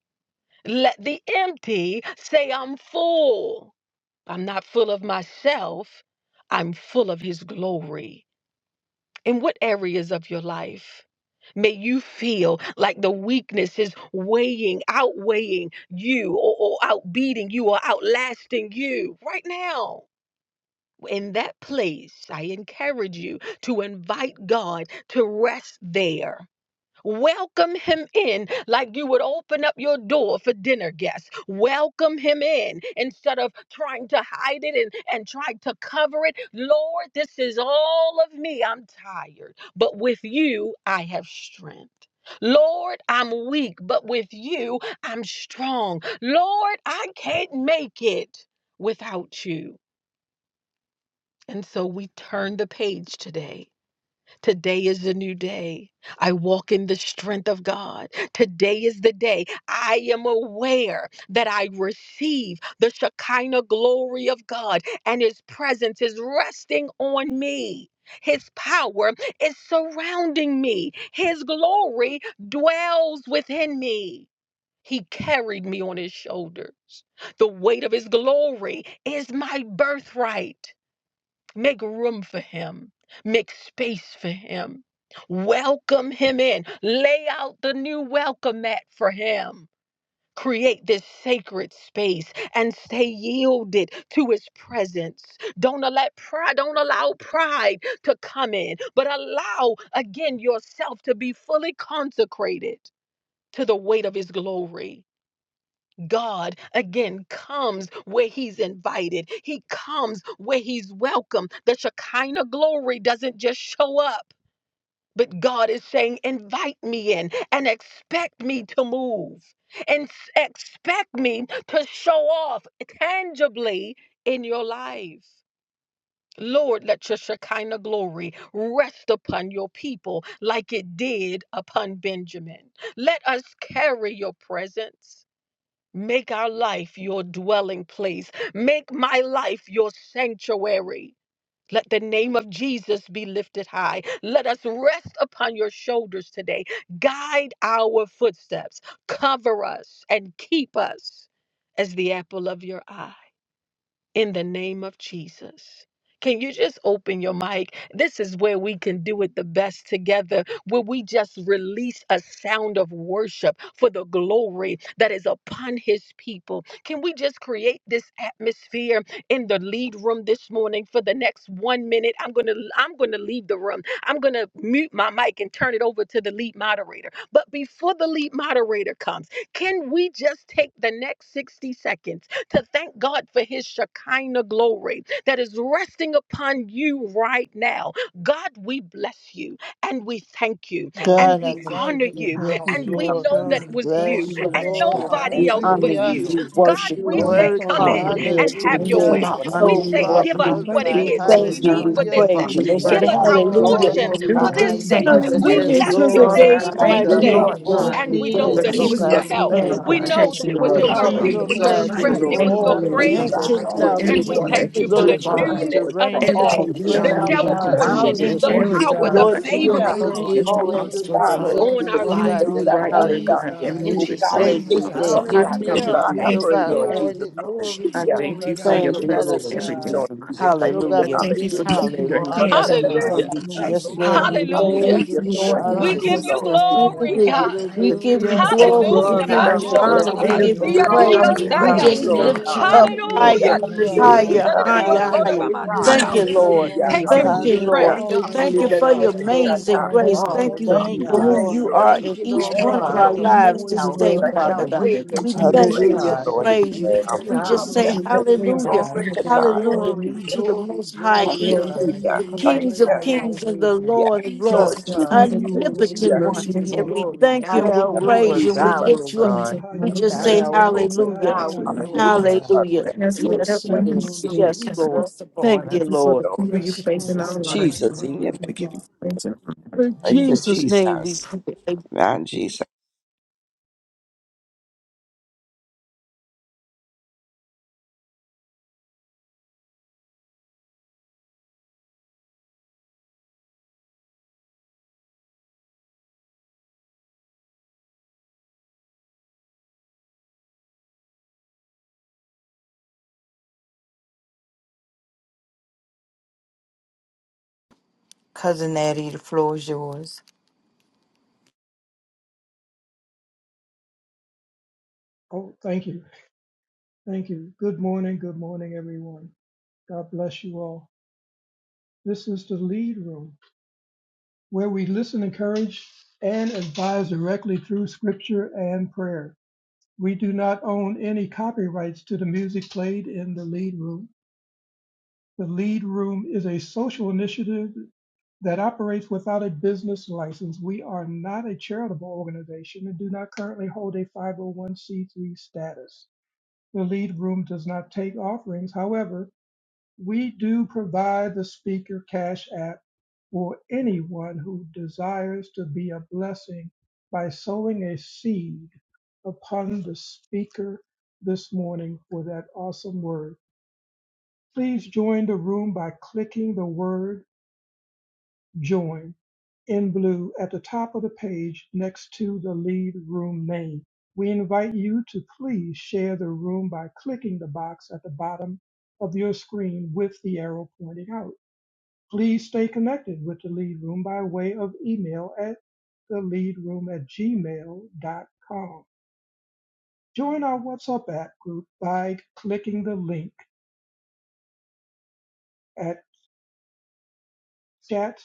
Speaker 1: Let the empty say I'm full. I'm not full of myself, I'm full of his glory. In what areas of your life? May you feel like the weakness is weighing, outweighing you, or, or outbeating you, or outlasting you right now in that place, I encourage you to invite God to rest there. Welcome him in like you would open up your door for dinner guests. Welcome him in instead of trying to hide it and, and trying to cover it. Lord, this is all of me. I'm tired, but with you, I have strength. Lord, I'm weak, but with you, I'm strong. Lord, I can't make it without you. And so we turn the page today. Today is a new day. I walk in the strength of God. Today is the day. I am aware that I receive the Shekinah glory of God, and His presence is resting on me. His power is surrounding me. His glory dwells within me. He carried me on his shoulders. The weight of his glory is my birthright. Make room for him. Make space for him. Welcome him in. Lay out the new welcome mat for him. Create this sacred space and stay yielded to his presence. Don't let pride, don't allow pride to come in, but allow again yourself to be fully consecrated to the weight of his glory. God again comes where he's invited. He comes where he's welcome. The Shekinah glory doesn't just show up, but God is saying, invite me in and expect me to move and s- expect me to show off tangibly in your life. Lord, let your Shekinah glory rest upon your people like it did upon Benjamin. Let us carry your presence. Make our life your dwelling place. Make my life your sanctuary. Let the name of Jesus be lifted high. Let us rest upon your shoulders today. Guide our footsteps. Cover us and keep us as the apple of your eye in the name of Jesus. Can you just open your mic? This is where we can do it the best together, where we just release a sound of worship for the glory that is upon his people. Can we just create this atmosphere in the lead room this morning for the next 1 minute? I'm going to I'm going to leave the room. I'm going to mute my mic and turn it over to the lead moderator. But before the lead moderator comes, can we just take the next 60 seconds to thank God for his Shekinah glory that is resting upon you right now. God, we bless you and we thank you and
Speaker 5: God, I
Speaker 1: we
Speaker 4: Hallelujah.
Speaker 6: Thank you,
Speaker 1: honor
Speaker 5: thank you.
Speaker 6: Lord.
Speaker 1: you
Speaker 4: Thank you,
Speaker 5: Yes,
Speaker 1: and we
Speaker 7: I
Speaker 4: Jesus.
Speaker 5: Lord.
Speaker 1: know
Speaker 4: God,
Speaker 1: that
Speaker 6: Hallelujah.
Speaker 1: it
Speaker 4: we
Speaker 1: was
Speaker 4: thank
Speaker 1: you
Speaker 5: Bless
Speaker 4: you,
Speaker 5: you,
Speaker 7: praise
Speaker 1: and
Speaker 4: Heavenly
Speaker 5: Lord.
Speaker 7: you.
Speaker 6: Hallelujah.
Speaker 4: Father. I
Speaker 6: Thank
Speaker 1: nobody
Speaker 7: We
Speaker 6: you,
Speaker 1: else
Speaker 4: thank
Speaker 7: honor
Speaker 1: but
Speaker 6: Lord,
Speaker 4: you,
Speaker 6: for
Speaker 5: Hallelujah.
Speaker 7: you.
Speaker 1: you.
Speaker 6: this
Speaker 7: We
Speaker 1: God,
Speaker 6: time.
Speaker 7: worship
Speaker 5: You
Speaker 4: oh
Speaker 1: we
Speaker 7: you
Speaker 4: Heavenly
Speaker 7: from
Speaker 1: say,
Speaker 5: worthy.
Speaker 4: Father,
Speaker 1: come
Speaker 3: Lord.
Speaker 7: crown
Speaker 4: for
Speaker 1: in
Speaker 7: of
Speaker 4: your
Speaker 7: my
Speaker 1: and
Speaker 7: head to
Speaker 1: have
Speaker 4: Shekinah
Speaker 7: the
Speaker 1: your
Speaker 3: you,
Speaker 7: very
Speaker 5: Hallelujah.
Speaker 4: glory.
Speaker 1: way.
Speaker 3: not none of
Speaker 1: We
Speaker 5: You
Speaker 7: soles
Speaker 3: you,
Speaker 1: say,
Speaker 7: of
Speaker 5: are
Speaker 7: our
Speaker 1: give us
Speaker 4: I
Speaker 7: feet.
Speaker 3: Lord.
Speaker 1: what
Speaker 4: thank
Speaker 1: it
Speaker 7: We
Speaker 4: you,
Speaker 5: glorified.
Speaker 4: O
Speaker 1: is that
Speaker 3: So
Speaker 7: thank
Speaker 4: Lord,
Speaker 1: we
Speaker 3: that
Speaker 4: for
Speaker 7: you.
Speaker 3: God,
Speaker 4: how
Speaker 1: need
Speaker 7: We
Speaker 3: I
Speaker 1: for
Speaker 4: you
Speaker 1: this
Speaker 3: can
Speaker 5: Hallelujah.
Speaker 7: praise
Speaker 1: day.
Speaker 3: follow.
Speaker 7: you. We
Speaker 4: continue
Speaker 6: Thank
Speaker 4: to,
Speaker 1: Give
Speaker 7: say
Speaker 3: Nobody
Speaker 5: Yes,
Speaker 1: us
Speaker 6: you,
Speaker 1: our
Speaker 3: can
Speaker 4: to
Speaker 6: God.
Speaker 5: Lord.
Speaker 7: hallelujah.
Speaker 4: guide
Speaker 5: Rest
Speaker 4: me,
Speaker 1: portion
Speaker 4: to
Speaker 6: Glory
Speaker 3: do
Speaker 6: to
Speaker 3: the
Speaker 1: for
Speaker 5: upon
Speaker 1: this
Speaker 4: bless
Speaker 5: me,
Speaker 3: things like
Speaker 4: me.
Speaker 1: day.
Speaker 3: this
Speaker 6: God.
Speaker 5: Jesus.
Speaker 1: We
Speaker 3: man
Speaker 5: Yes,
Speaker 3: does.
Speaker 7: Hallelujah
Speaker 1: bless
Speaker 7: to
Speaker 4: lift
Speaker 1: your
Speaker 7: the
Speaker 5: Lord.
Speaker 4: me
Speaker 3: Father, I
Speaker 4: up
Speaker 7: Most
Speaker 1: name
Speaker 6: Magnify you,
Speaker 4: right
Speaker 1: on
Speaker 7: High
Speaker 3: thank
Speaker 6: God.
Speaker 3: you,
Speaker 4: now,
Speaker 5: Continue
Speaker 6: Look
Speaker 1: today.
Speaker 7: King.
Speaker 5: to
Speaker 6: to
Speaker 3: Lord
Speaker 4: Heavenly
Speaker 7: This
Speaker 5: keep
Speaker 3: God,
Speaker 4: Father,
Speaker 1: And
Speaker 7: is
Speaker 6: you,
Speaker 1: we
Speaker 6: God.
Speaker 5: me,
Speaker 1: know
Speaker 3: for
Speaker 1: that
Speaker 4: because
Speaker 6: Thank
Speaker 1: it
Speaker 4: I
Speaker 5: Lord
Speaker 6: you,
Speaker 7: David's
Speaker 3: keeping
Speaker 1: was your
Speaker 3: your
Speaker 5: God,
Speaker 4: cannot
Speaker 5: in
Speaker 4: do
Speaker 1: help
Speaker 4: it
Speaker 6: Lord
Speaker 3: hand
Speaker 4: all
Speaker 5: perfect
Speaker 7: name.
Speaker 3: of
Speaker 4: by
Speaker 1: we
Speaker 6: God.
Speaker 5: peace.
Speaker 7: Thank
Speaker 1: know that
Speaker 4: myself.
Speaker 7: you,
Speaker 1: it
Speaker 3: protection
Speaker 4: So
Speaker 1: was
Speaker 4: I
Speaker 3: on
Speaker 7: Lord.
Speaker 1: your
Speaker 3: me,
Speaker 5: Continue,
Speaker 1: mercy,
Speaker 3: Father.
Speaker 4: depend
Speaker 7: We
Speaker 1: it
Speaker 5: Lord
Speaker 1: was
Speaker 6: Hallelujah.
Speaker 1: your
Speaker 4: on
Speaker 7: thank
Speaker 5: God,
Speaker 7: you,
Speaker 5: to
Speaker 3: I
Speaker 6: Thank
Speaker 4: your
Speaker 1: strength,
Speaker 6: you
Speaker 4: the
Speaker 1: it
Speaker 6: for
Speaker 7: Lord.
Speaker 1: was
Speaker 5: order
Speaker 3: thank you,
Speaker 1: your
Speaker 6: all
Speaker 7: Thank
Speaker 5: my
Speaker 6: that
Speaker 7: you.
Speaker 3: Lord
Speaker 6: you're
Speaker 4: Shekinah
Speaker 3: God,
Speaker 7: Have
Speaker 1: grace.
Speaker 6: doing,
Speaker 5: footsteps.
Speaker 6: all
Speaker 4: glory.
Speaker 3: for
Speaker 6: that
Speaker 7: 10,000
Speaker 6: you're
Speaker 1: And
Speaker 4: I
Speaker 7: times.
Speaker 1: we
Speaker 5: Continue,
Speaker 3: everything
Speaker 6: doing as
Speaker 4: thank
Speaker 1: thank
Speaker 3: that
Speaker 6: we
Speaker 7: Give
Speaker 1: you
Speaker 3: you
Speaker 4: you,
Speaker 1: for
Speaker 5: Lord
Speaker 6: go,
Speaker 1: the
Speaker 3: do,
Speaker 7: thanks
Speaker 4: Heavenly
Speaker 7: to
Speaker 3: Father.
Speaker 5: Jesus,
Speaker 6: God.
Speaker 7: God
Speaker 4: Father,
Speaker 5: to
Speaker 1: newness of
Speaker 7: for
Speaker 5: rain
Speaker 6: Thank you
Speaker 5: down
Speaker 6: for
Speaker 7: all
Speaker 1: today,
Speaker 3: Everything
Speaker 5: your
Speaker 3: you've
Speaker 4: for
Speaker 7: that
Speaker 6: being
Speaker 7: you
Speaker 3: done,
Speaker 1: the
Speaker 5: fresh
Speaker 4: all
Speaker 3: and
Speaker 4: that
Speaker 6: our
Speaker 3: you're
Speaker 7: do.
Speaker 3: going
Speaker 4: you
Speaker 1: double
Speaker 3: to
Speaker 6: God.
Speaker 5: anointing.
Speaker 4: do
Speaker 3: continue
Speaker 1: portion,
Speaker 3: to do.
Speaker 1: the
Speaker 7: Right.
Speaker 4: for
Speaker 5: Continue.
Speaker 6: Hallelujah,
Speaker 3: Every
Speaker 4: me, O
Speaker 7: And
Speaker 1: power,
Speaker 6: God.
Speaker 1: the
Speaker 3: time
Speaker 4: Heavenly
Speaker 3: I
Speaker 5: Lord
Speaker 4: Father.
Speaker 6: You're
Speaker 3: come
Speaker 1: favor
Speaker 4: I
Speaker 1: of
Speaker 5: Jesus, to
Speaker 4: thank
Speaker 3: close
Speaker 4: you,
Speaker 7: Thank
Speaker 1: God
Speaker 6: worthy of
Speaker 5: give
Speaker 7: you,
Speaker 3: against
Speaker 4: Heavenly
Speaker 3: the
Speaker 6: all
Speaker 5: me
Speaker 6: the
Speaker 4: Father,
Speaker 7: thank
Speaker 5: the
Speaker 7: you,
Speaker 3: obstacle,
Speaker 4: because I
Speaker 6: praise,
Speaker 7: thank
Speaker 3: God,
Speaker 7: you.
Speaker 6: all
Speaker 1: on
Speaker 5: grace,
Speaker 4: cannot
Speaker 6: the
Speaker 1: our
Speaker 5: Lord
Speaker 4: do
Speaker 3: you
Speaker 6: honor,
Speaker 4: it
Speaker 6: and
Speaker 1: life.
Speaker 5: God,
Speaker 3: be
Speaker 6: all
Speaker 5: that
Speaker 6: the
Speaker 5: I
Speaker 3: right
Speaker 4: all
Speaker 3: there,
Speaker 6: glory,
Speaker 5: need
Speaker 3: God,
Speaker 7: Hallelujah.
Speaker 3: and
Speaker 6: God.
Speaker 5: to
Speaker 1: In
Speaker 4: myself.
Speaker 3: move it for
Speaker 1: Jesus'
Speaker 3: me,
Speaker 6: Thank
Speaker 5: sustain
Speaker 1: name.
Speaker 4: I
Speaker 5: this
Speaker 6: you.
Speaker 3: Father.
Speaker 7: Hallelujah.
Speaker 4: thank
Speaker 5: day.
Speaker 3: So
Speaker 4: you,
Speaker 3: I
Speaker 5: Give
Speaker 4: O
Speaker 3: tell
Speaker 4: Lord.
Speaker 5: me,
Speaker 3: you,
Speaker 6: Hallelujah.
Speaker 7: Hallelujah.
Speaker 4: Lead
Speaker 5: Lord
Speaker 3: thank you,
Speaker 4: me,
Speaker 5: God,
Speaker 3: Lord.
Speaker 4: guide
Speaker 6: Glory,
Speaker 4: me,
Speaker 5: added
Speaker 6: glory,
Speaker 3: I
Speaker 5: continued
Speaker 3: thank
Speaker 6: glory,
Speaker 3: you for
Speaker 5: mercy.
Speaker 6: God.
Speaker 3: your
Speaker 5: Lord
Speaker 7: Thank you,
Speaker 6: Thank
Speaker 5: God, I
Speaker 6: you,
Speaker 3: blessings
Speaker 7: Lord
Speaker 4: take
Speaker 5: thank
Speaker 3: every day,
Speaker 5: you,
Speaker 6: God.
Speaker 7: Jesus.
Speaker 4: me,
Speaker 3: God.
Speaker 4: O
Speaker 6: Thank you
Speaker 5: Lord
Speaker 6: for
Speaker 4: Heavenly
Speaker 3: I
Speaker 5: God,
Speaker 7: Hallelujah.
Speaker 5: for
Speaker 4: Father.
Speaker 6: being
Speaker 3: thank you
Speaker 6: just
Speaker 3: for
Speaker 5: being
Speaker 6: who
Speaker 3: keeping
Speaker 6: you
Speaker 3: your
Speaker 5: our
Speaker 6: are,
Speaker 7: Hallelujah.
Speaker 4: Let your
Speaker 3: hands
Speaker 6: Lord
Speaker 3: on me,
Speaker 5: shepherd.
Speaker 6: God.
Speaker 3: Father.
Speaker 1: Hallelujah.
Speaker 4: Shekinah
Speaker 7: Thank you,
Speaker 6: Thank
Speaker 4: glory
Speaker 6: you
Speaker 7: Jesus.
Speaker 5: Yes,
Speaker 4: be
Speaker 6: for
Speaker 5: Lord.
Speaker 4: upon
Speaker 6: coming
Speaker 4: me
Speaker 3: Hallelujah.
Speaker 6: to
Speaker 1: Hallelujah.
Speaker 7: Thank
Speaker 3: Thank you,
Speaker 7: you,
Speaker 3: Lord
Speaker 6: our
Speaker 4: this
Speaker 1: We
Speaker 3: God,
Speaker 1: give
Speaker 4: day,
Speaker 7: Jesus.
Speaker 6: rescue,
Speaker 3: yes,
Speaker 5: Hallelujah.
Speaker 1: you
Speaker 3: for
Speaker 6: Lord
Speaker 4: right
Speaker 7: Thank
Speaker 4: now,
Speaker 6: God.
Speaker 1: glory,
Speaker 4: O
Speaker 7: you.
Speaker 1: God.
Speaker 4: God.
Speaker 7: We
Speaker 3: the
Speaker 6: Thank you,
Speaker 7: give you
Speaker 5: Hallelujah.
Speaker 2: Give
Speaker 3: things
Speaker 6: Lord
Speaker 2: you
Speaker 3: that
Speaker 4: Yes,
Speaker 7: glory.
Speaker 3: you
Speaker 6: God.
Speaker 7: We
Speaker 4: Lord.
Speaker 1: Hallelujah.
Speaker 2: glory,
Speaker 7: give
Speaker 1: Man,
Speaker 2: God.
Speaker 3: provide
Speaker 6: Give
Speaker 7: you
Speaker 1: shoda
Speaker 3: for
Speaker 6: you
Speaker 1: da
Speaker 3: us
Speaker 1: da
Speaker 7: honor.
Speaker 4: I
Speaker 1: da
Speaker 7: We
Speaker 6: honor
Speaker 1: ba,
Speaker 3: day
Speaker 4: give
Speaker 2: Give
Speaker 5: Hallelujah.
Speaker 3: and
Speaker 7: give
Speaker 4: you
Speaker 6: and
Speaker 2: you
Speaker 7: you
Speaker 4: all
Speaker 1: siya
Speaker 3: night.
Speaker 1: da
Speaker 4: the
Speaker 6: praise
Speaker 1: di di
Speaker 3: Out
Speaker 7: praise.
Speaker 1: yo,
Speaker 4: honor,
Speaker 3: of
Speaker 4: the
Speaker 2: glory,
Speaker 7: We
Speaker 3: even
Speaker 2: God.
Speaker 1: saya.
Speaker 6: and
Speaker 7: just
Speaker 3: knowing,
Speaker 4: glory,
Speaker 6: glory,
Speaker 4: and the
Speaker 3: God.
Speaker 7: lift you
Speaker 5: Hallelujah.
Speaker 7: up
Speaker 6: God.
Speaker 4: praise right
Speaker 1: Hallelujah,
Speaker 7: higher,
Speaker 4: now,
Speaker 3: Thank
Speaker 6: You
Speaker 3: you,
Speaker 5: Hallelujah.
Speaker 4: Heavenly
Speaker 2: Hallelujah,
Speaker 3: Lord
Speaker 6: deserve
Speaker 1: Jesus.
Speaker 3: God.
Speaker 6: it
Speaker 1: Da
Speaker 7: higher,
Speaker 4: Father,
Speaker 1: di
Speaker 2: God.
Speaker 1: di
Speaker 6: all,
Speaker 1: di yo,
Speaker 7: higher,
Speaker 6: Lord
Speaker 1: koda
Speaker 4: because
Speaker 7: higher.
Speaker 6: God.
Speaker 1: ba man,
Speaker 6: It
Speaker 5: Hallelujah,
Speaker 4: you
Speaker 1: sha.
Speaker 7: Thank you,
Speaker 6: belongs
Speaker 5: Jesus.
Speaker 6: to
Speaker 4: deserve it
Speaker 7: Lord.
Speaker 6: you,
Speaker 4: all.
Speaker 1: Thank
Speaker 3: Praise
Speaker 1: you
Speaker 3: and
Speaker 4: You
Speaker 6: God.
Speaker 1: for
Speaker 7: Thank
Speaker 3: thank
Speaker 7: you,
Speaker 4: deserve
Speaker 3: you.
Speaker 4: it
Speaker 7: Lord.
Speaker 1: strength,
Speaker 6: Thank
Speaker 4: all
Speaker 5: Hallelujah,
Speaker 1: God.
Speaker 6: you,
Speaker 4: right
Speaker 7: Thank you
Speaker 6: Lord
Speaker 5: Jesus.
Speaker 4: now,
Speaker 7: for
Speaker 4: oh
Speaker 6: God,
Speaker 5: Yes,
Speaker 7: your
Speaker 6: for
Speaker 4: God.
Speaker 5: Lord.
Speaker 6: being
Speaker 4: And
Speaker 7: amazing
Speaker 6: our
Speaker 4: I give
Speaker 7: grace.
Speaker 3: Oh,
Speaker 4: it
Speaker 3: my God,
Speaker 7: Thank
Speaker 4: all
Speaker 6: Father,
Speaker 7: you
Speaker 4: to
Speaker 3: but
Speaker 6: Lord
Speaker 3: you,
Speaker 5: Thank
Speaker 7: for
Speaker 5: you,
Speaker 4: you,
Speaker 3: God.
Speaker 6: God.
Speaker 7: who
Speaker 4: Heavenly
Speaker 5: Lord.
Speaker 7: you
Speaker 4: Father.
Speaker 7: are
Speaker 6: Thank
Speaker 7: in
Speaker 6: you,
Speaker 7: each
Speaker 4: I
Speaker 6: Lord
Speaker 7: one
Speaker 5: Thank
Speaker 4: bow
Speaker 7: of
Speaker 5: you,
Speaker 6: God,
Speaker 7: our
Speaker 3: Help
Speaker 4: down
Speaker 6: for
Speaker 5: Lord.
Speaker 3: me,
Speaker 7: lives
Speaker 6: being
Speaker 4: before
Speaker 5: Thank
Speaker 7: this
Speaker 5: you,
Speaker 4: you,
Speaker 6: our
Speaker 7: day,
Speaker 5: Lord.
Speaker 3: oh
Speaker 4: Heavenly
Speaker 6: keep
Speaker 3: God,
Speaker 6: our
Speaker 7: Father
Speaker 3: about
Speaker 4: Father.
Speaker 3: you
Speaker 7: God.
Speaker 6: way
Speaker 3: that
Speaker 7: We
Speaker 4: I
Speaker 6: maker,
Speaker 3: continue to
Speaker 7: thank
Speaker 6: Lord
Speaker 4: reveal
Speaker 3: keep
Speaker 7: you. We
Speaker 5: Hallelujah.
Speaker 6: God.
Speaker 3: me.
Speaker 4: myself to
Speaker 7: praise
Speaker 6: Thank
Speaker 7: you.
Speaker 4: you right
Speaker 6: you,
Speaker 7: We
Speaker 4: now,
Speaker 7: just
Speaker 3: I
Speaker 4: Heavenly
Speaker 7: say
Speaker 3: give you
Speaker 4: Father,
Speaker 6: hallelujah,
Speaker 4: my
Speaker 3: praise and
Speaker 7: hallelujah,
Speaker 6: God.
Speaker 3: honor,
Speaker 4: weakness,
Speaker 3: God.
Speaker 4: my
Speaker 7: hallelujah
Speaker 6: Glory,
Speaker 4: need.
Speaker 7: to the
Speaker 6: glory,
Speaker 7: most
Speaker 4: I
Speaker 7: high
Speaker 3: The
Speaker 6: glory,
Speaker 4: crave
Speaker 7: king,
Speaker 3: glory,
Speaker 6: God.
Speaker 4: you,
Speaker 7: the
Speaker 4: O
Speaker 3: God.
Speaker 6: Have
Speaker 4: Lord,
Speaker 7: kings
Speaker 4: right
Speaker 7: of
Speaker 4: now,
Speaker 6: thine own
Speaker 7: kings
Speaker 4: Heavenly
Speaker 7: and
Speaker 6: way,
Speaker 7: the
Speaker 6: God.
Speaker 4: Father.
Speaker 7: Lord of
Speaker 6: Use
Speaker 3: Let
Speaker 7: lords,
Speaker 3: us
Speaker 6: us,
Speaker 7: the
Speaker 6: God
Speaker 3: continue to
Speaker 4: Thank you,
Speaker 3: work
Speaker 4: O
Speaker 6: that
Speaker 4: Lord,
Speaker 3: on
Speaker 6: you
Speaker 3: your
Speaker 4: for
Speaker 7: omnipotent
Speaker 6: would
Speaker 4: who
Speaker 7: one.
Speaker 3: mercy
Speaker 6: get your
Speaker 3: and
Speaker 4: you
Speaker 7: And
Speaker 4: are.
Speaker 7: we
Speaker 3: grace.
Speaker 6: glory.
Speaker 7: thank you
Speaker 6: Not
Speaker 7: and
Speaker 4: Thank
Speaker 6: our
Speaker 7: we
Speaker 4: you, O
Speaker 6: will,
Speaker 4: Heavenly
Speaker 7: praise you
Speaker 6: but
Speaker 7: and we
Speaker 6: thy
Speaker 4: Father,
Speaker 6: will,
Speaker 7: lift you up.
Speaker 4: for
Speaker 6: God.
Speaker 4: how
Speaker 7: We
Speaker 4: you
Speaker 7: just
Speaker 6: Not
Speaker 4: lead
Speaker 7: say
Speaker 4: me,
Speaker 6: our
Speaker 4: how
Speaker 6: way,
Speaker 4: you
Speaker 3: So
Speaker 6: but
Speaker 4: guide
Speaker 7: hallelujah,
Speaker 6: thy
Speaker 4: me,
Speaker 3: that's
Speaker 4: how
Speaker 6: will,
Speaker 3: what I
Speaker 4: you
Speaker 6: Lord
Speaker 3: think.
Speaker 6: God.
Speaker 4: bless me.
Speaker 7: hallelujah.
Speaker 3: And as
Speaker 6: May
Speaker 3: for
Speaker 6: the
Speaker 3: that
Speaker 7: Yes,
Speaker 3: one
Speaker 4: Thank you,
Speaker 7: Lord.
Speaker 3: hundred who
Speaker 6: peace,
Speaker 4: O
Speaker 6: your
Speaker 3: stayed
Speaker 4: Lord.
Speaker 3: in
Speaker 7: Yes,
Speaker 6: peace
Speaker 7: Lord.
Speaker 6: rest upon
Speaker 7: Thank you,
Speaker 3: thank you
Speaker 6: us.
Speaker 3: for
Speaker 7: Lord.
Speaker 3: the people you
Speaker 4: Rest
Speaker 3: place
Speaker 4: upon
Speaker 3: in
Speaker 6: Jesus'
Speaker 3: our
Speaker 4: me right
Speaker 3: lives,
Speaker 6: name.
Speaker 3: God.
Speaker 4: now,
Speaker 3: We
Speaker 4: Heavenly
Speaker 3: give you
Speaker 4: Father.
Speaker 3: praise and honor.
Speaker 7: In
Speaker 4: In Jesus'
Speaker 7: Jesus'
Speaker 4: name.
Speaker 7: name we pray.
Speaker 6: Yours.
Speaker 4: Oh, thank you. Thank you. Good morning. Good morning, everyone. God bless you all. This is the lead room where we listen, encourage, and advise directly through scripture and prayer. We do not own any copyrights to the music played in the lead room. The Lead Room is a social initiative that operates without a business license. We are not a charitable organization and do not currently hold a 501c3 status. The lead room does not take offerings. However, we do provide the speaker cash app for anyone who desires to be a blessing by sowing a seed upon the speaker this morning for that awesome word. Please join the room by clicking the word join in blue at the top of the page next to the lead room name. We invite you to please share the room by clicking the box at the bottom of your screen with the arrow pointing out. Please stay connected with the lead room by way of email at theleadroom at gmail.com. Join our WhatsApp app group by clicking the link at chat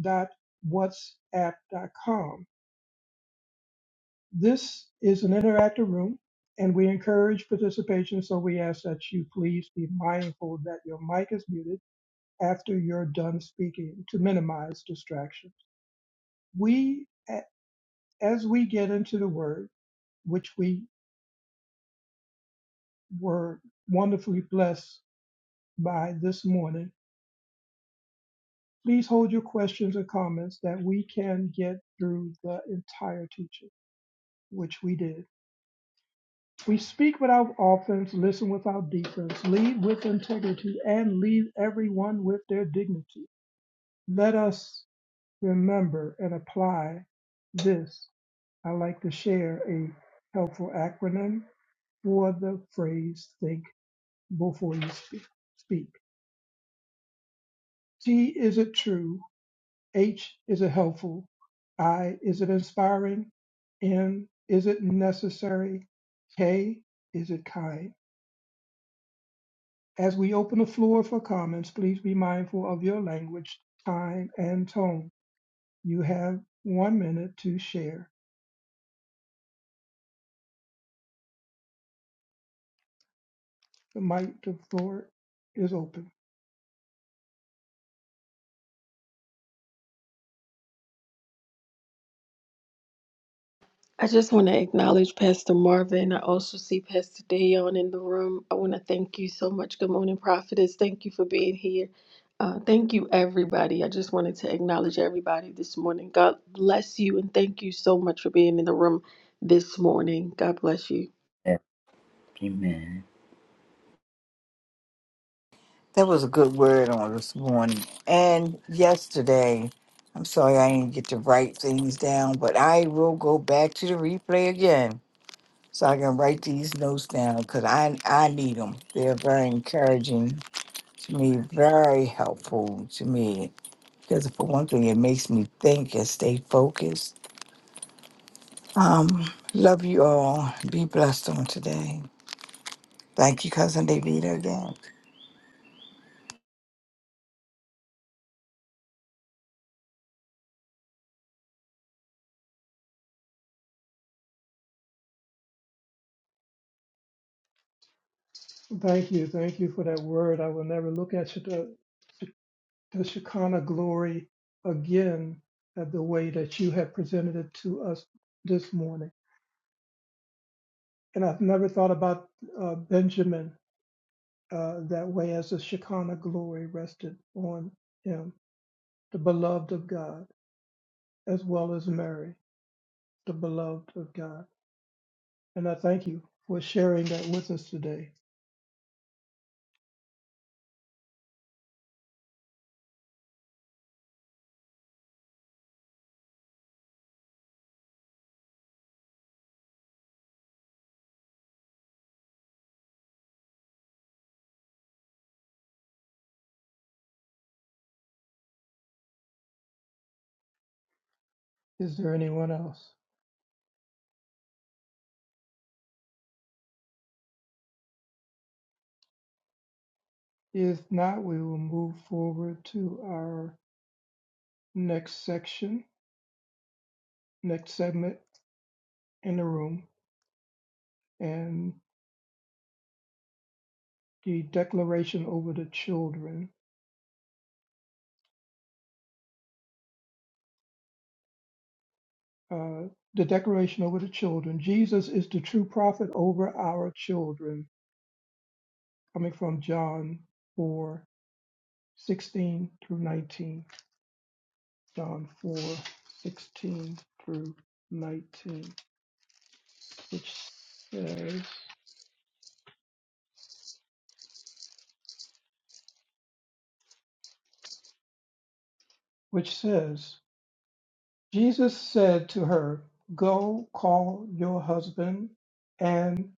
Speaker 4: www dot whatsapp dot com. This is an interactive room and we encourage participation, so we ask that you please be mindful that your mic is muted after you're done speaking to minimize distractions. We, a- as we get into the word, which we were wonderfully blessed by this morning, please hold your questions or comments that we can get through the entire teaching, which we did. We speak without offense, listen without defense, lead with integrity, and lead everyone with their dignity. Let us remember and apply this. I like to share a helpful acronym for the phrase think before you speak. speak. T is it true? H is it helpful? I is it inspiring? N is it necessary? K is it kind? As we open the floor for comments, please be mindful of your language, time, and tone. You have one minute to share. The mic, the floor is open.
Speaker 1: I just want to acknowledge Pastor Marvin. I also see Pastor Dayon in the room. I want to thank you so much. Good morning, Prophetess. Thank you for being here. Uh, thank you, everybody. I just wanted to acknowledge everybody this morning. God bless you and thank you so much for being in the room this morning. God bless you.
Speaker 8: Amen.
Speaker 6: That was a good word on this morning and yesterday. I'm sorry I didn't get to write things down, but I will go back to the replay again so I can write these notes down because I, I need them. They're very encouraging be very helpful to me because for one thing it makes me think and stay focused um love you all be blessed on today thank you cousin Davida again
Speaker 4: Thank you. Thank you for that word. I will never look at the, the Shekinah glory again at the way that you have presented it to us this morning. And I've never thought about uh, Benjamin uh, that way as the Shekinah glory rested on him, the beloved of God. as well as Mary, the beloved of God. And I thank you for sharing that with us today. Is there anyone else? If not, we will move forward to our next section, next segment in the room, and the declaration over the children. Uh, the declaration over the children. Jesus is the true prophet over our children, coming from John 4:16 through 19. John 4:16 through 19, which says, which says, Jesus said to her, Go call your husband and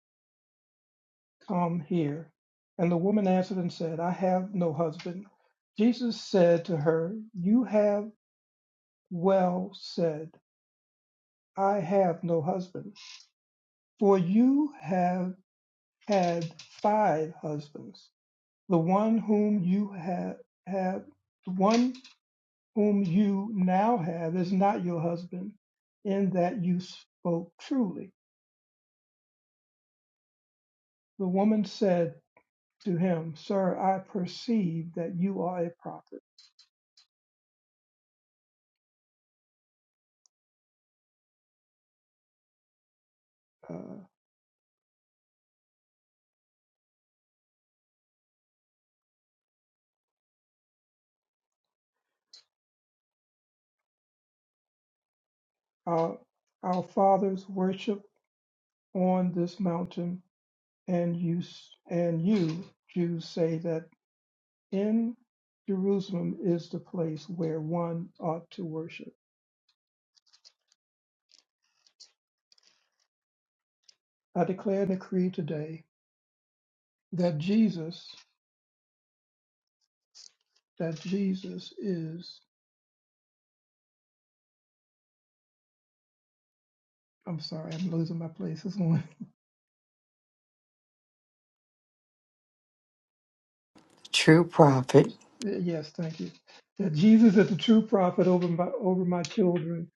Speaker 4: come here. And the woman answered and said, I have no husband. Jesus said to her, You have well said, I have no husband, for you have had five husbands. The one whom you have, have the one whom you now have is not your husband, in that you spoke truly. The woman said to him, Sir, I perceive that you are a prophet. Uh, our, our fathers worship on this mountain, and you, and you Jews say that in Jerusalem is the place where one ought to worship. I declare and decree today that Jesus, that Jesus is. I'm sorry, I'm losing my place. This one.
Speaker 6: True prophet.
Speaker 4: Yes, thank you. That Jesus is the true prophet over my over my children.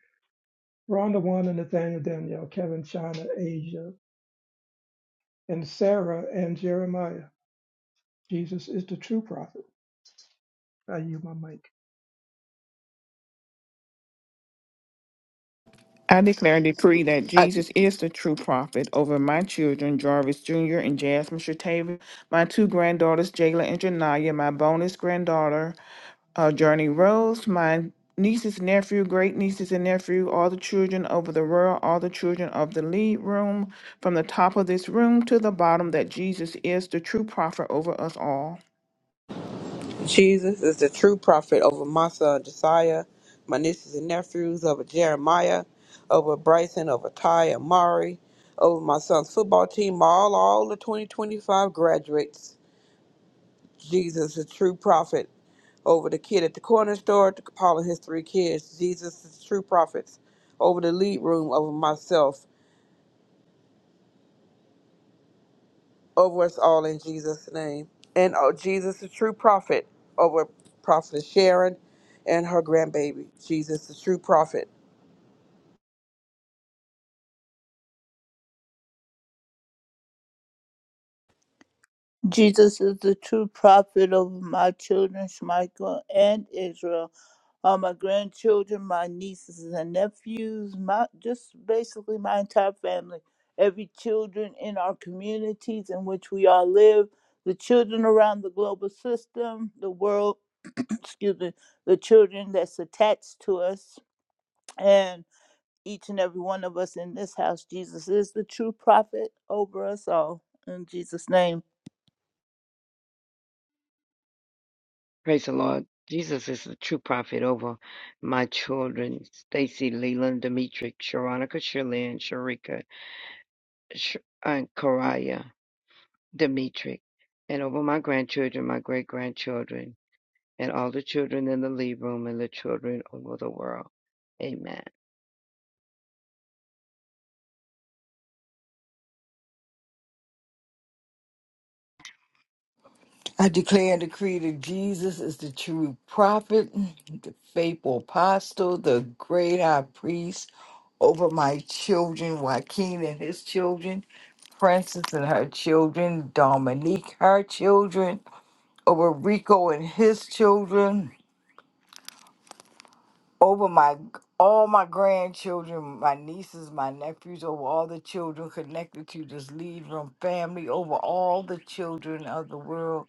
Speaker 4: Rhonda Wanda, Nathaniel Danielle, Kevin, China, Asia, and Sarah and Jeremiah. Jesus is the true prophet. I use my mic.
Speaker 3: I declare and decree that
Speaker 6: I,
Speaker 3: Jesus is the true prophet over my children, Jarvis Jr. and Jasmine Shatavia, my two granddaughters, Jayla and Janaya, my bonus granddaughter, uh, Journey Rose, my nieces, nephew, great nieces and nephew, all the children over the world, all the children of the lead room, from the top of this room to the bottom, that Jesus is the true prophet over us all.
Speaker 2: Jesus is the true prophet over Massa and Josiah, my nieces and nephews, over Jeremiah, over Bryson, over Ty and Mari, over my son's football team, all, all the 2025 graduates. Jesus is the true prophet over the kid at the corner store, to Paul and his three kids. Jesus is the true prophet over the lead room, over myself. over us all in Jesus' name. And oh, Jesus, the true prophet, over Prophet Sharon and her grandbaby. Jesus, the true prophet.
Speaker 5: Jesus is the true prophet over my children, Michael and Israel, all my grandchildren, my nieces and nephews, my just basically my entire family, every children in our communities in which we all live, the children around the global system, the world, excuse me, the children that's attached to us, and each and every one of us in this house. Jesus is the true prophet over us all. In Jesus' name.
Speaker 9: Praise the Lord. Jesus is the true prophet over my children, Stacy, Leland, Demetric, Sharonica, Shirlyn, Sharika, Sh- and Karaya, Demetric, and over my grandchildren, my great grandchildren, and all the children in the lead room and the children over the world. Amen.
Speaker 6: I declare and decree that Jesus is the true prophet, the faithful apostle, the great high priest over my children, Joaquin and his children, Princess and her children, Dominique, her children. over Rico and his children, over my all my grandchildren, my nieces, my nephews, over all the children connected to this lead room family, over all the children of the world.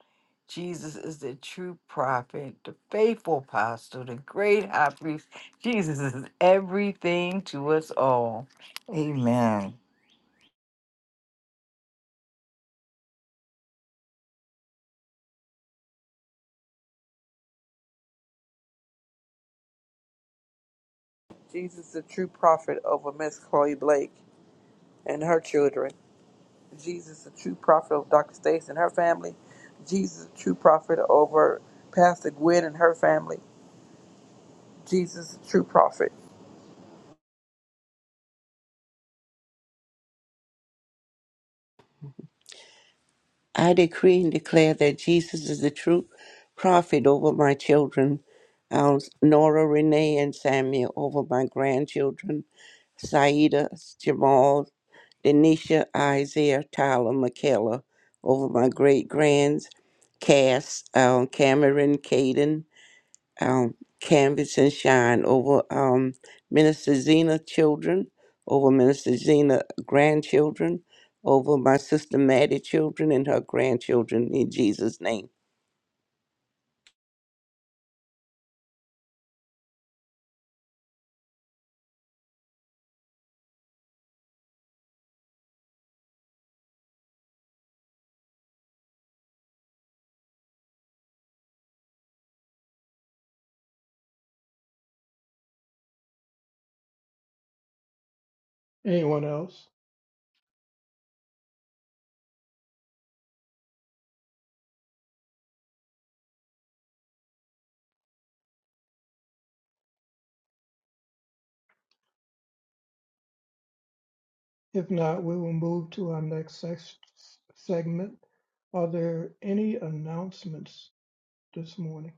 Speaker 6: Jesus is the true prophet, the faithful apostle, the great high priest. Jesus is everything to us all. Amen.
Speaker 2: Jesus, the true prophet, over Miss Chloe Blake and her children. Jesus, the true prophet, of Dr. Stace and her family. Jesus, the true prophet, over Pastor Gwen and her family. Jesus, the true prophet.
Speaker 10: I decree and declare that Jesus is the true prophet over my children, um, Nora, Renee, and Samuel, over my grandchildren, Saida, Jamal, Denisha, Isaiah, Tyler, Michaela, over my great grands, Cass, um, Cameron, Caden, um, Canvas and Shine over um, Minister Zena children, over Minister Zena grandchildren, over my sister Maddie children and her grandchildren in Jesus' name.
Speaker 4: Anyone else? If not, we will move to our next sex, segment. Are there any announcements this morning?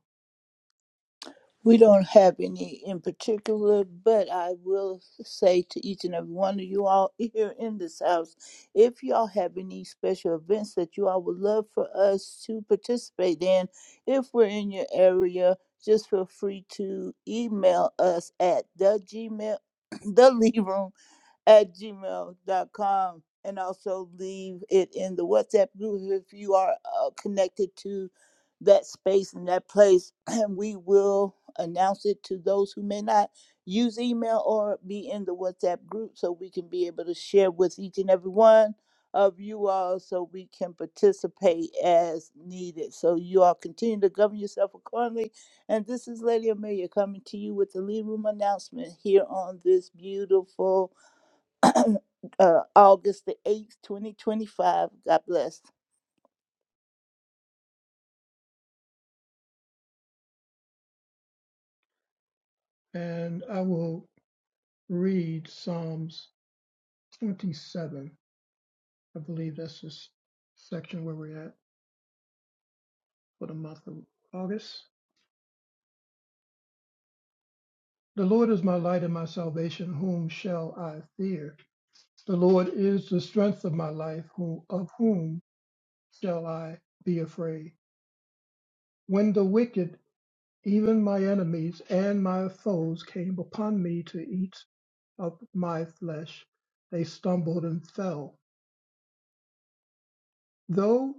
Speaker 5: We don't have any in particular, but I will say to each and every one of you all here in this house, if y'all have any special events that you all would love for us to participate in, if we're in your area, just feel free to email us at the gmail, the at Gmail dot com, and also leave it in the WhatsApp group if you are uh, connected to that space and that place. And we will announce it to those who may not use email or be in the WhatsApp group so we can be able to share with each and every one of you all so we can participate as needed. So you all continue to govern yourself accordingly. And this is Lady Amelia coming to you with the Lead Room announcement here on this beautiful. uh, August the 8th, 2025. God bless.
Speaker 4: And I will read Psalms 27 I believe that's this section where we're at for the month of August. The Lord is my light and my salvation. Whom shall I fear? The Lord is the strength of my life. Who, of whom shall I be afraid? When the wicked, even my enemies and my foes, came upon me to eat up my flesh, they stumbled and fell. Though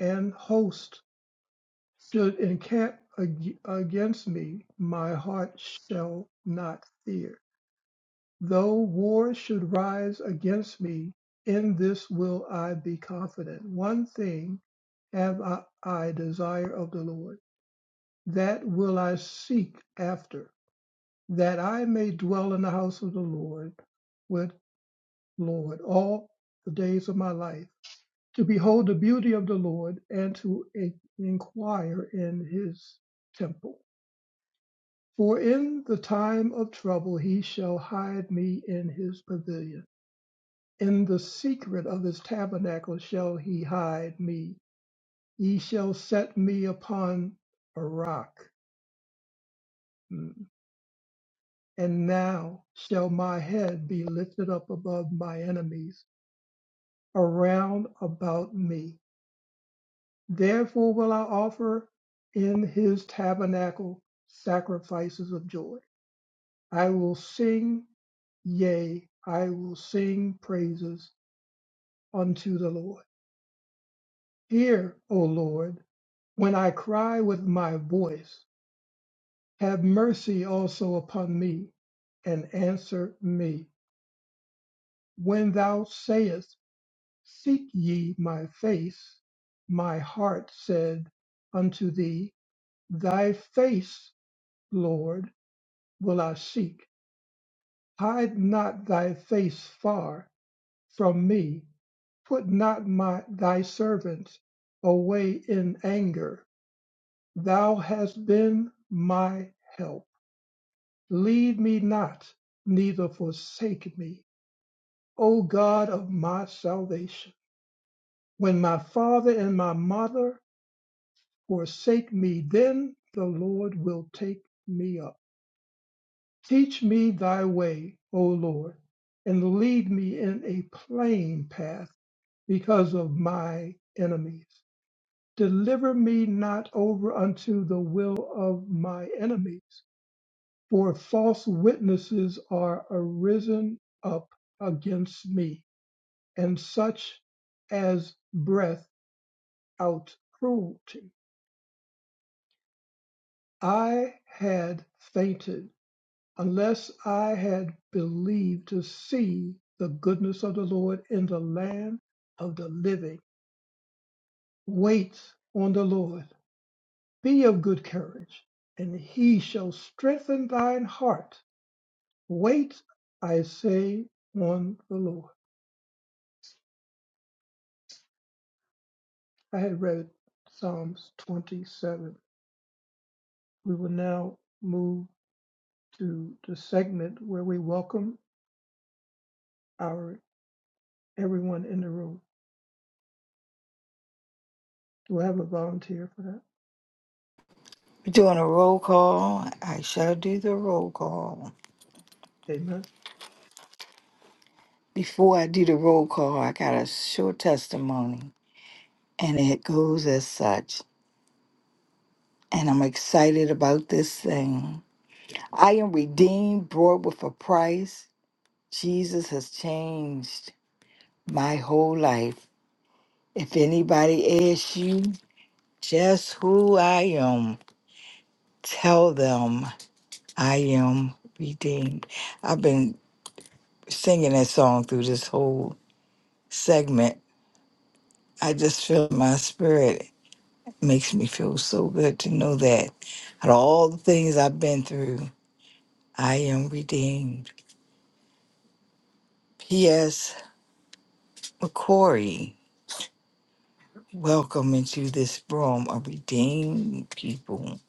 Speaker 4: an host Should encamp ag- against me, my heart shall not fear. Though war should rise against me, in this will I be confident. One thing have I, I desire of the Lord, that will I seek after, that I may dwell in the house of the Lord with Lord all the days of my life, to behold the beauty of the Lord and to in- inquire in his temple. For in the time of trouble he shall hide me in his pavilion. In the secret of his tabernacle shall he hide me. He shall set me upon a rock. Mm. And now shall my head be lifted up above my enemies around about me. Therefore will I offer in his tabernacle sacrifices of joy. I will sing, yea, I will sing praises unto the Lord. Hear, O Lord, when I cry with my voice. Have mercy also upon me, and answer me. When thou sayest, Seek ye my face, my heart said unto thee, Thy face, Lord, will I seek. Hide not thy face far from me. Put not my thy servants away in anger. Thou hast been my help. Leave me not, neither forsake me, O God of my salvation. When my father and my mother forsake me, then the Lord will take me up. Teach me thy way, O Lord, and lead me in a plain path because of my enemies. Deliver me not over unto the will of my enemies, for false witnesses are arisen up against me, and such as breath out cruelty. I had fainted unless I had believed to see the goodness of the Lord in the land of the living. Wait on the Lord. Be of good courage, and he shall strengthen thine heart. Wait, I say, on the Lord. I had read Psalms 27. We will now move to the segment where we welcome our everyone in the room. Do I have a volunteer for that?
Speaker 6: We're doing a roll call. I shall do the roll call.
Speaker 4: Amen.
Speaker 6: Before I do the roll call, I got a short testimony. and it goes as such. And I'm excited about this thing. I am redeemed, bought with a price. Jesus has changed my whole life. If anybody asks you just who I am, tell them I am redeemed. I've been singing that song through this whole segment. I just feel my spirit. It makes me feel so good to know that out of all the things I've been through, I am redeemed. P.S. McCory, welcome into this room of redeemed people.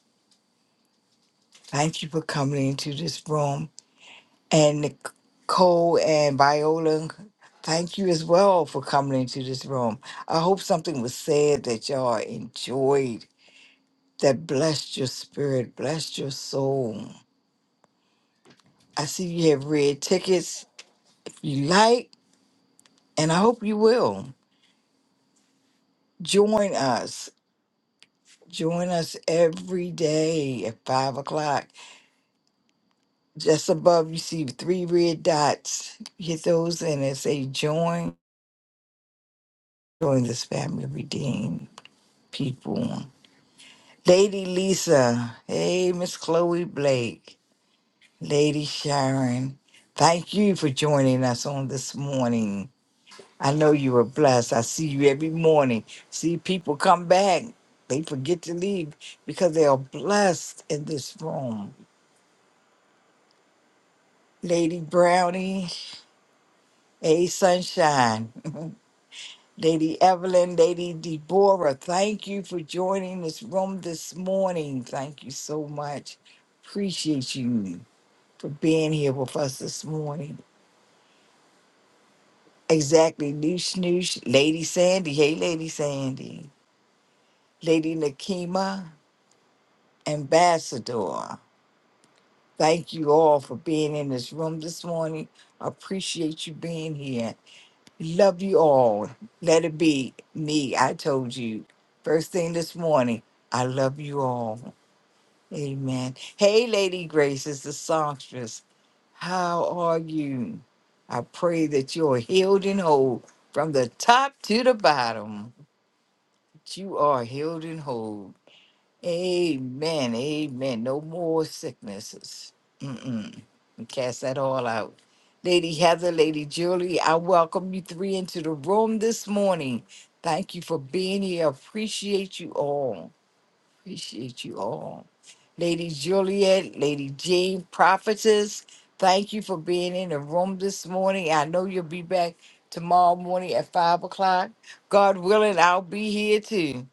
Speaker 6: Thank you for coming into this room. And Nicole and Viola, thank you as well for coming into this room. I hope something was said that y'all enjoyed, that blessed your spirit, blessed your soul. I see you have red tickets if you like, and I hope you will. Join us Join us every day at five o'clock. Just above, you see three red dots. Hit those and it say join. Join this family of redeemed people. Lady Lisa, hey Miss Chloe Blake, Lady Sharon. Thank you for joining us on this morning. I know you are blessed. I see you every morning. See people come back. They forget to leave because they are blessed in this room. Lady Brownie. Hey, Sunshine. Lady Evelyn, Lady Deborah, thank you for joining this room this morning. Thank you so much. Appreciate you for being here with us this morning. Exactly. Noosh Noosh, Lady Sandy. Hey, Lady Sandy. Lady Nakima, Ambassador. Thank you all for being in this room this morning. Appreciate you being here. Love you all. Let it be me. I told you first thing this morning. I love you all. Amen. Hey, Lady Grace is the songstress. How are you? I pray that you're healed and whole from the top to the bottom. You are healed and whole. Amen. Amen. No more sicknesses. Mm-mm. We cast that all out. Lady Heather, Lady Julie, I welcome you three into the room this morning. Thank you for being here. Appreciate you all. Appreciate you all. Lady Juliet, Lady Jean, Prophetess, thank you for being in the room this morning. I know you'll be back tomorrow morning at 5 o'clock. God willing, I'll be here too.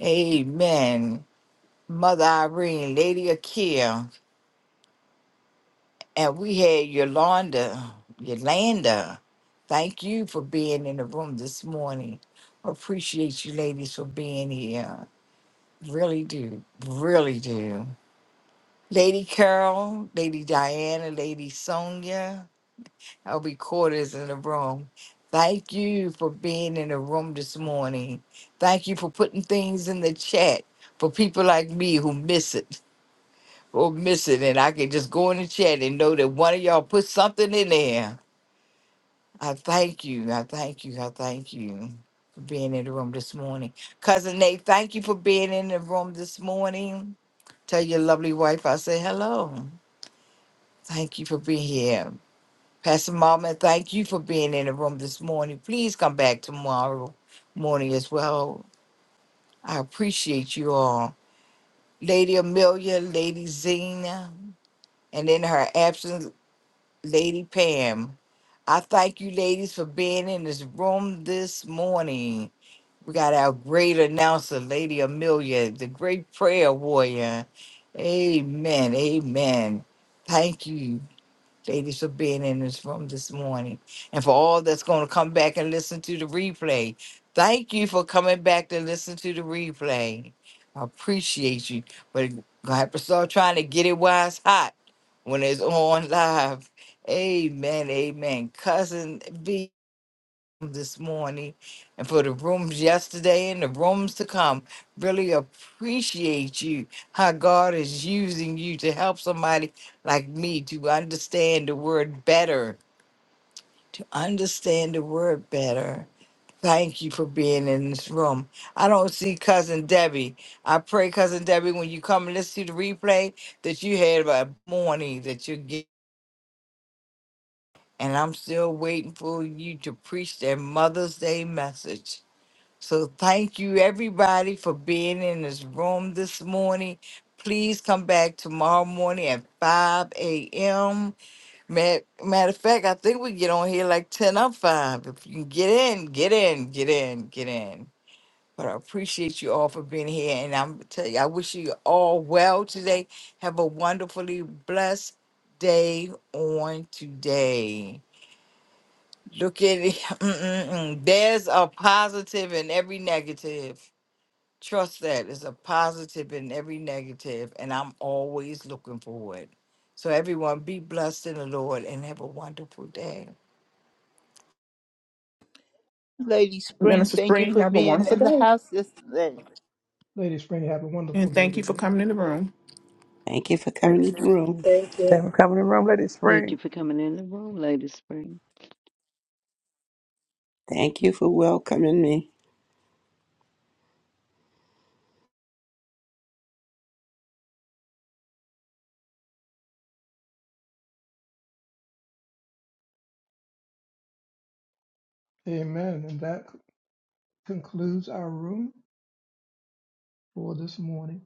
Speaker 6: Amen. Mother Irene, Lady Akia, and we had Yolanda. Yolanda, thank you for being in the room this morning. Appreciate you ladies for being here. Really do. Really do. Lady Carol, Lady Diana, Lady Sonia, our recorders in the room. Thank you for being in the room this morning. Thank you for putting things in the chat for people like me who miss it. or miss it, and I can just go in the chat and know that one of y'all put something in there. I thank you. I thank you. I thank you for being in the room this morning. Cousin Nate, thank you for being in the room this morning. Tell your lovely wife I say hello. Thank you for being here. Pastor Mama, thank you for being in the room this morning. Please come back tomorrow morning as well. I appreciate you all. Lady Amelia, Lady Zena, and in her absence, Lady Pam. I thank you, ladies, for being in this room this morning. We got our great announcer, Lady Amelia, the great prayer warrior. Amen. Amen. Thank you ladies, for being in this room this morning. And for all that's going to come back and listen to the replay, thank you for coming back to listen to the replay. I appreciate you. But I have to start trying to get it while it's hot when it's on live. Amen. Amen. Cousin B this morning and for the rooms yesterday and the rooms to come. Really appreciate you, how God is using you to help somebody like me to understand the word better, to understand the word better. Thank you for being in this room. I don't see Cousin Debbie. I pray, Cousin Debbie, when you come and listen to the replay, that you had a morning that you get. And I'm still waiting for you to preach that Mother's Day message. So thank you everybody for being in this room this morning. Please come back tomorrow morning at 5 a.m. Ma- Matter of fact, I think we get on here like 10 up 5. If you can get in, get in, get in, get in. But I appreciate you all for being here. And I'm tell you, I wish you all well today. Have a wonderfully blessed day on today. Look at it. Mm, mm, mm. There's a positive in every negative. Trust that it's a positive in every negative, and I'm always looking for it. So, everyone, be blessed in the Lord and have a wonderful day.
Speaker 5: Lady Spring,
Speaker 3: Minister
Speaker 5: thank you
Speaker 3: Spring,
Speaker 5: for
Speaker 3: have a
Speaker 5: being
Speaker 3: wonderful
Speaker 5: in the
Speaker 3: day.
Speaker 5: house yesterday.
Speaker 4: Lady Spring, have a wonderful
Speaker 3: And
Speaker 4: day
Speaker 3: thank you for
Speaker 4: today.
Speaker 3: coming in the room.
Speaker 10: Thank you for
Speaker 2: Thank
Speaker 10: coming to the room.
Speaker 11: Thank you.
Speaker 2: you. Come in the room, let it
Speaker 9: Thank
Speaker 2: spring.
Speaker 9: you for coming in the room, Lady Spring.
Speaker 10: Thank you for welcoming me.
Speaker 4: Amen. And that concludes our room for this morning.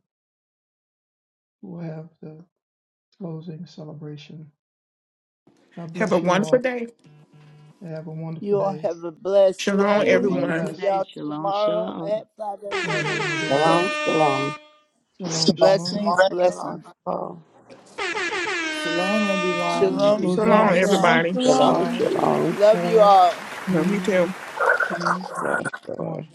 Speaker 4: We'll have the closing celebration. God
Speaker 3: Have a
Speaker 4: bless you all.
Speaker 3: wonderful day.
Speaker 4: Have a wonderful
Speaker 5: You all
Speaker 4: day.
Speaker 5: have a blessed
Speaker 3: Shalom,
Speaker 9: Have a
Speaker 5: day.
Speaker 4: Be
Speaker 3: everyone.
Speaker 9: wonderful
Speaker 5: See
Speaker 4: blessed
Speaker 9: day.
Speaker 5: y'all
Speaker 9: Shalom,
Speaker 5: tomorrow
Speaker 9: shalom.
Speaker 5: at 5
Speaker 4: in the
Speaker 5: a.m.
Speaker 4: name of the
Speaker 5: Eastern
Speaker 4: Lord.
Speaker 10: Shalom,
Speaker 5: Standard Time.
Speaker 10: shalom,
Speaker 4: Shalom,
Speaker 2: Shalom,
Speaker 4: shalom.
Speaker 5: Blessings,
Speaker 2: shalom,
Speaker 5: blessings.
Speaker 2: shalom.
Speaker 6: Shalom, everyone.
Speaker 4: I'll be
Speaker 5: Shalom,
Speaker 6: Be
Speaker 3: So
Speaker 4: closing the
Speaker 5: shalom,
Speaker 3: long,
Speaker 6: blessed.
Speaker 4: room
Speaker 12: Shalom,
Speaker 5: shalom.
Speaker 4: in
Speaker 3: everybody.
Speaker 12: shalom.
Speaker 10: shalom,
Speaker 4: five,
Speaker 10: shalom.
Speaker 5: Love you
Speaker 4: four,
Speaker 5: all.
Speaker 3: Love you
Speaker 4: three,
Speaker 3: too.
Speaker 4: two,
Speaker 10: Yes, Lord.
Speaker 4: one.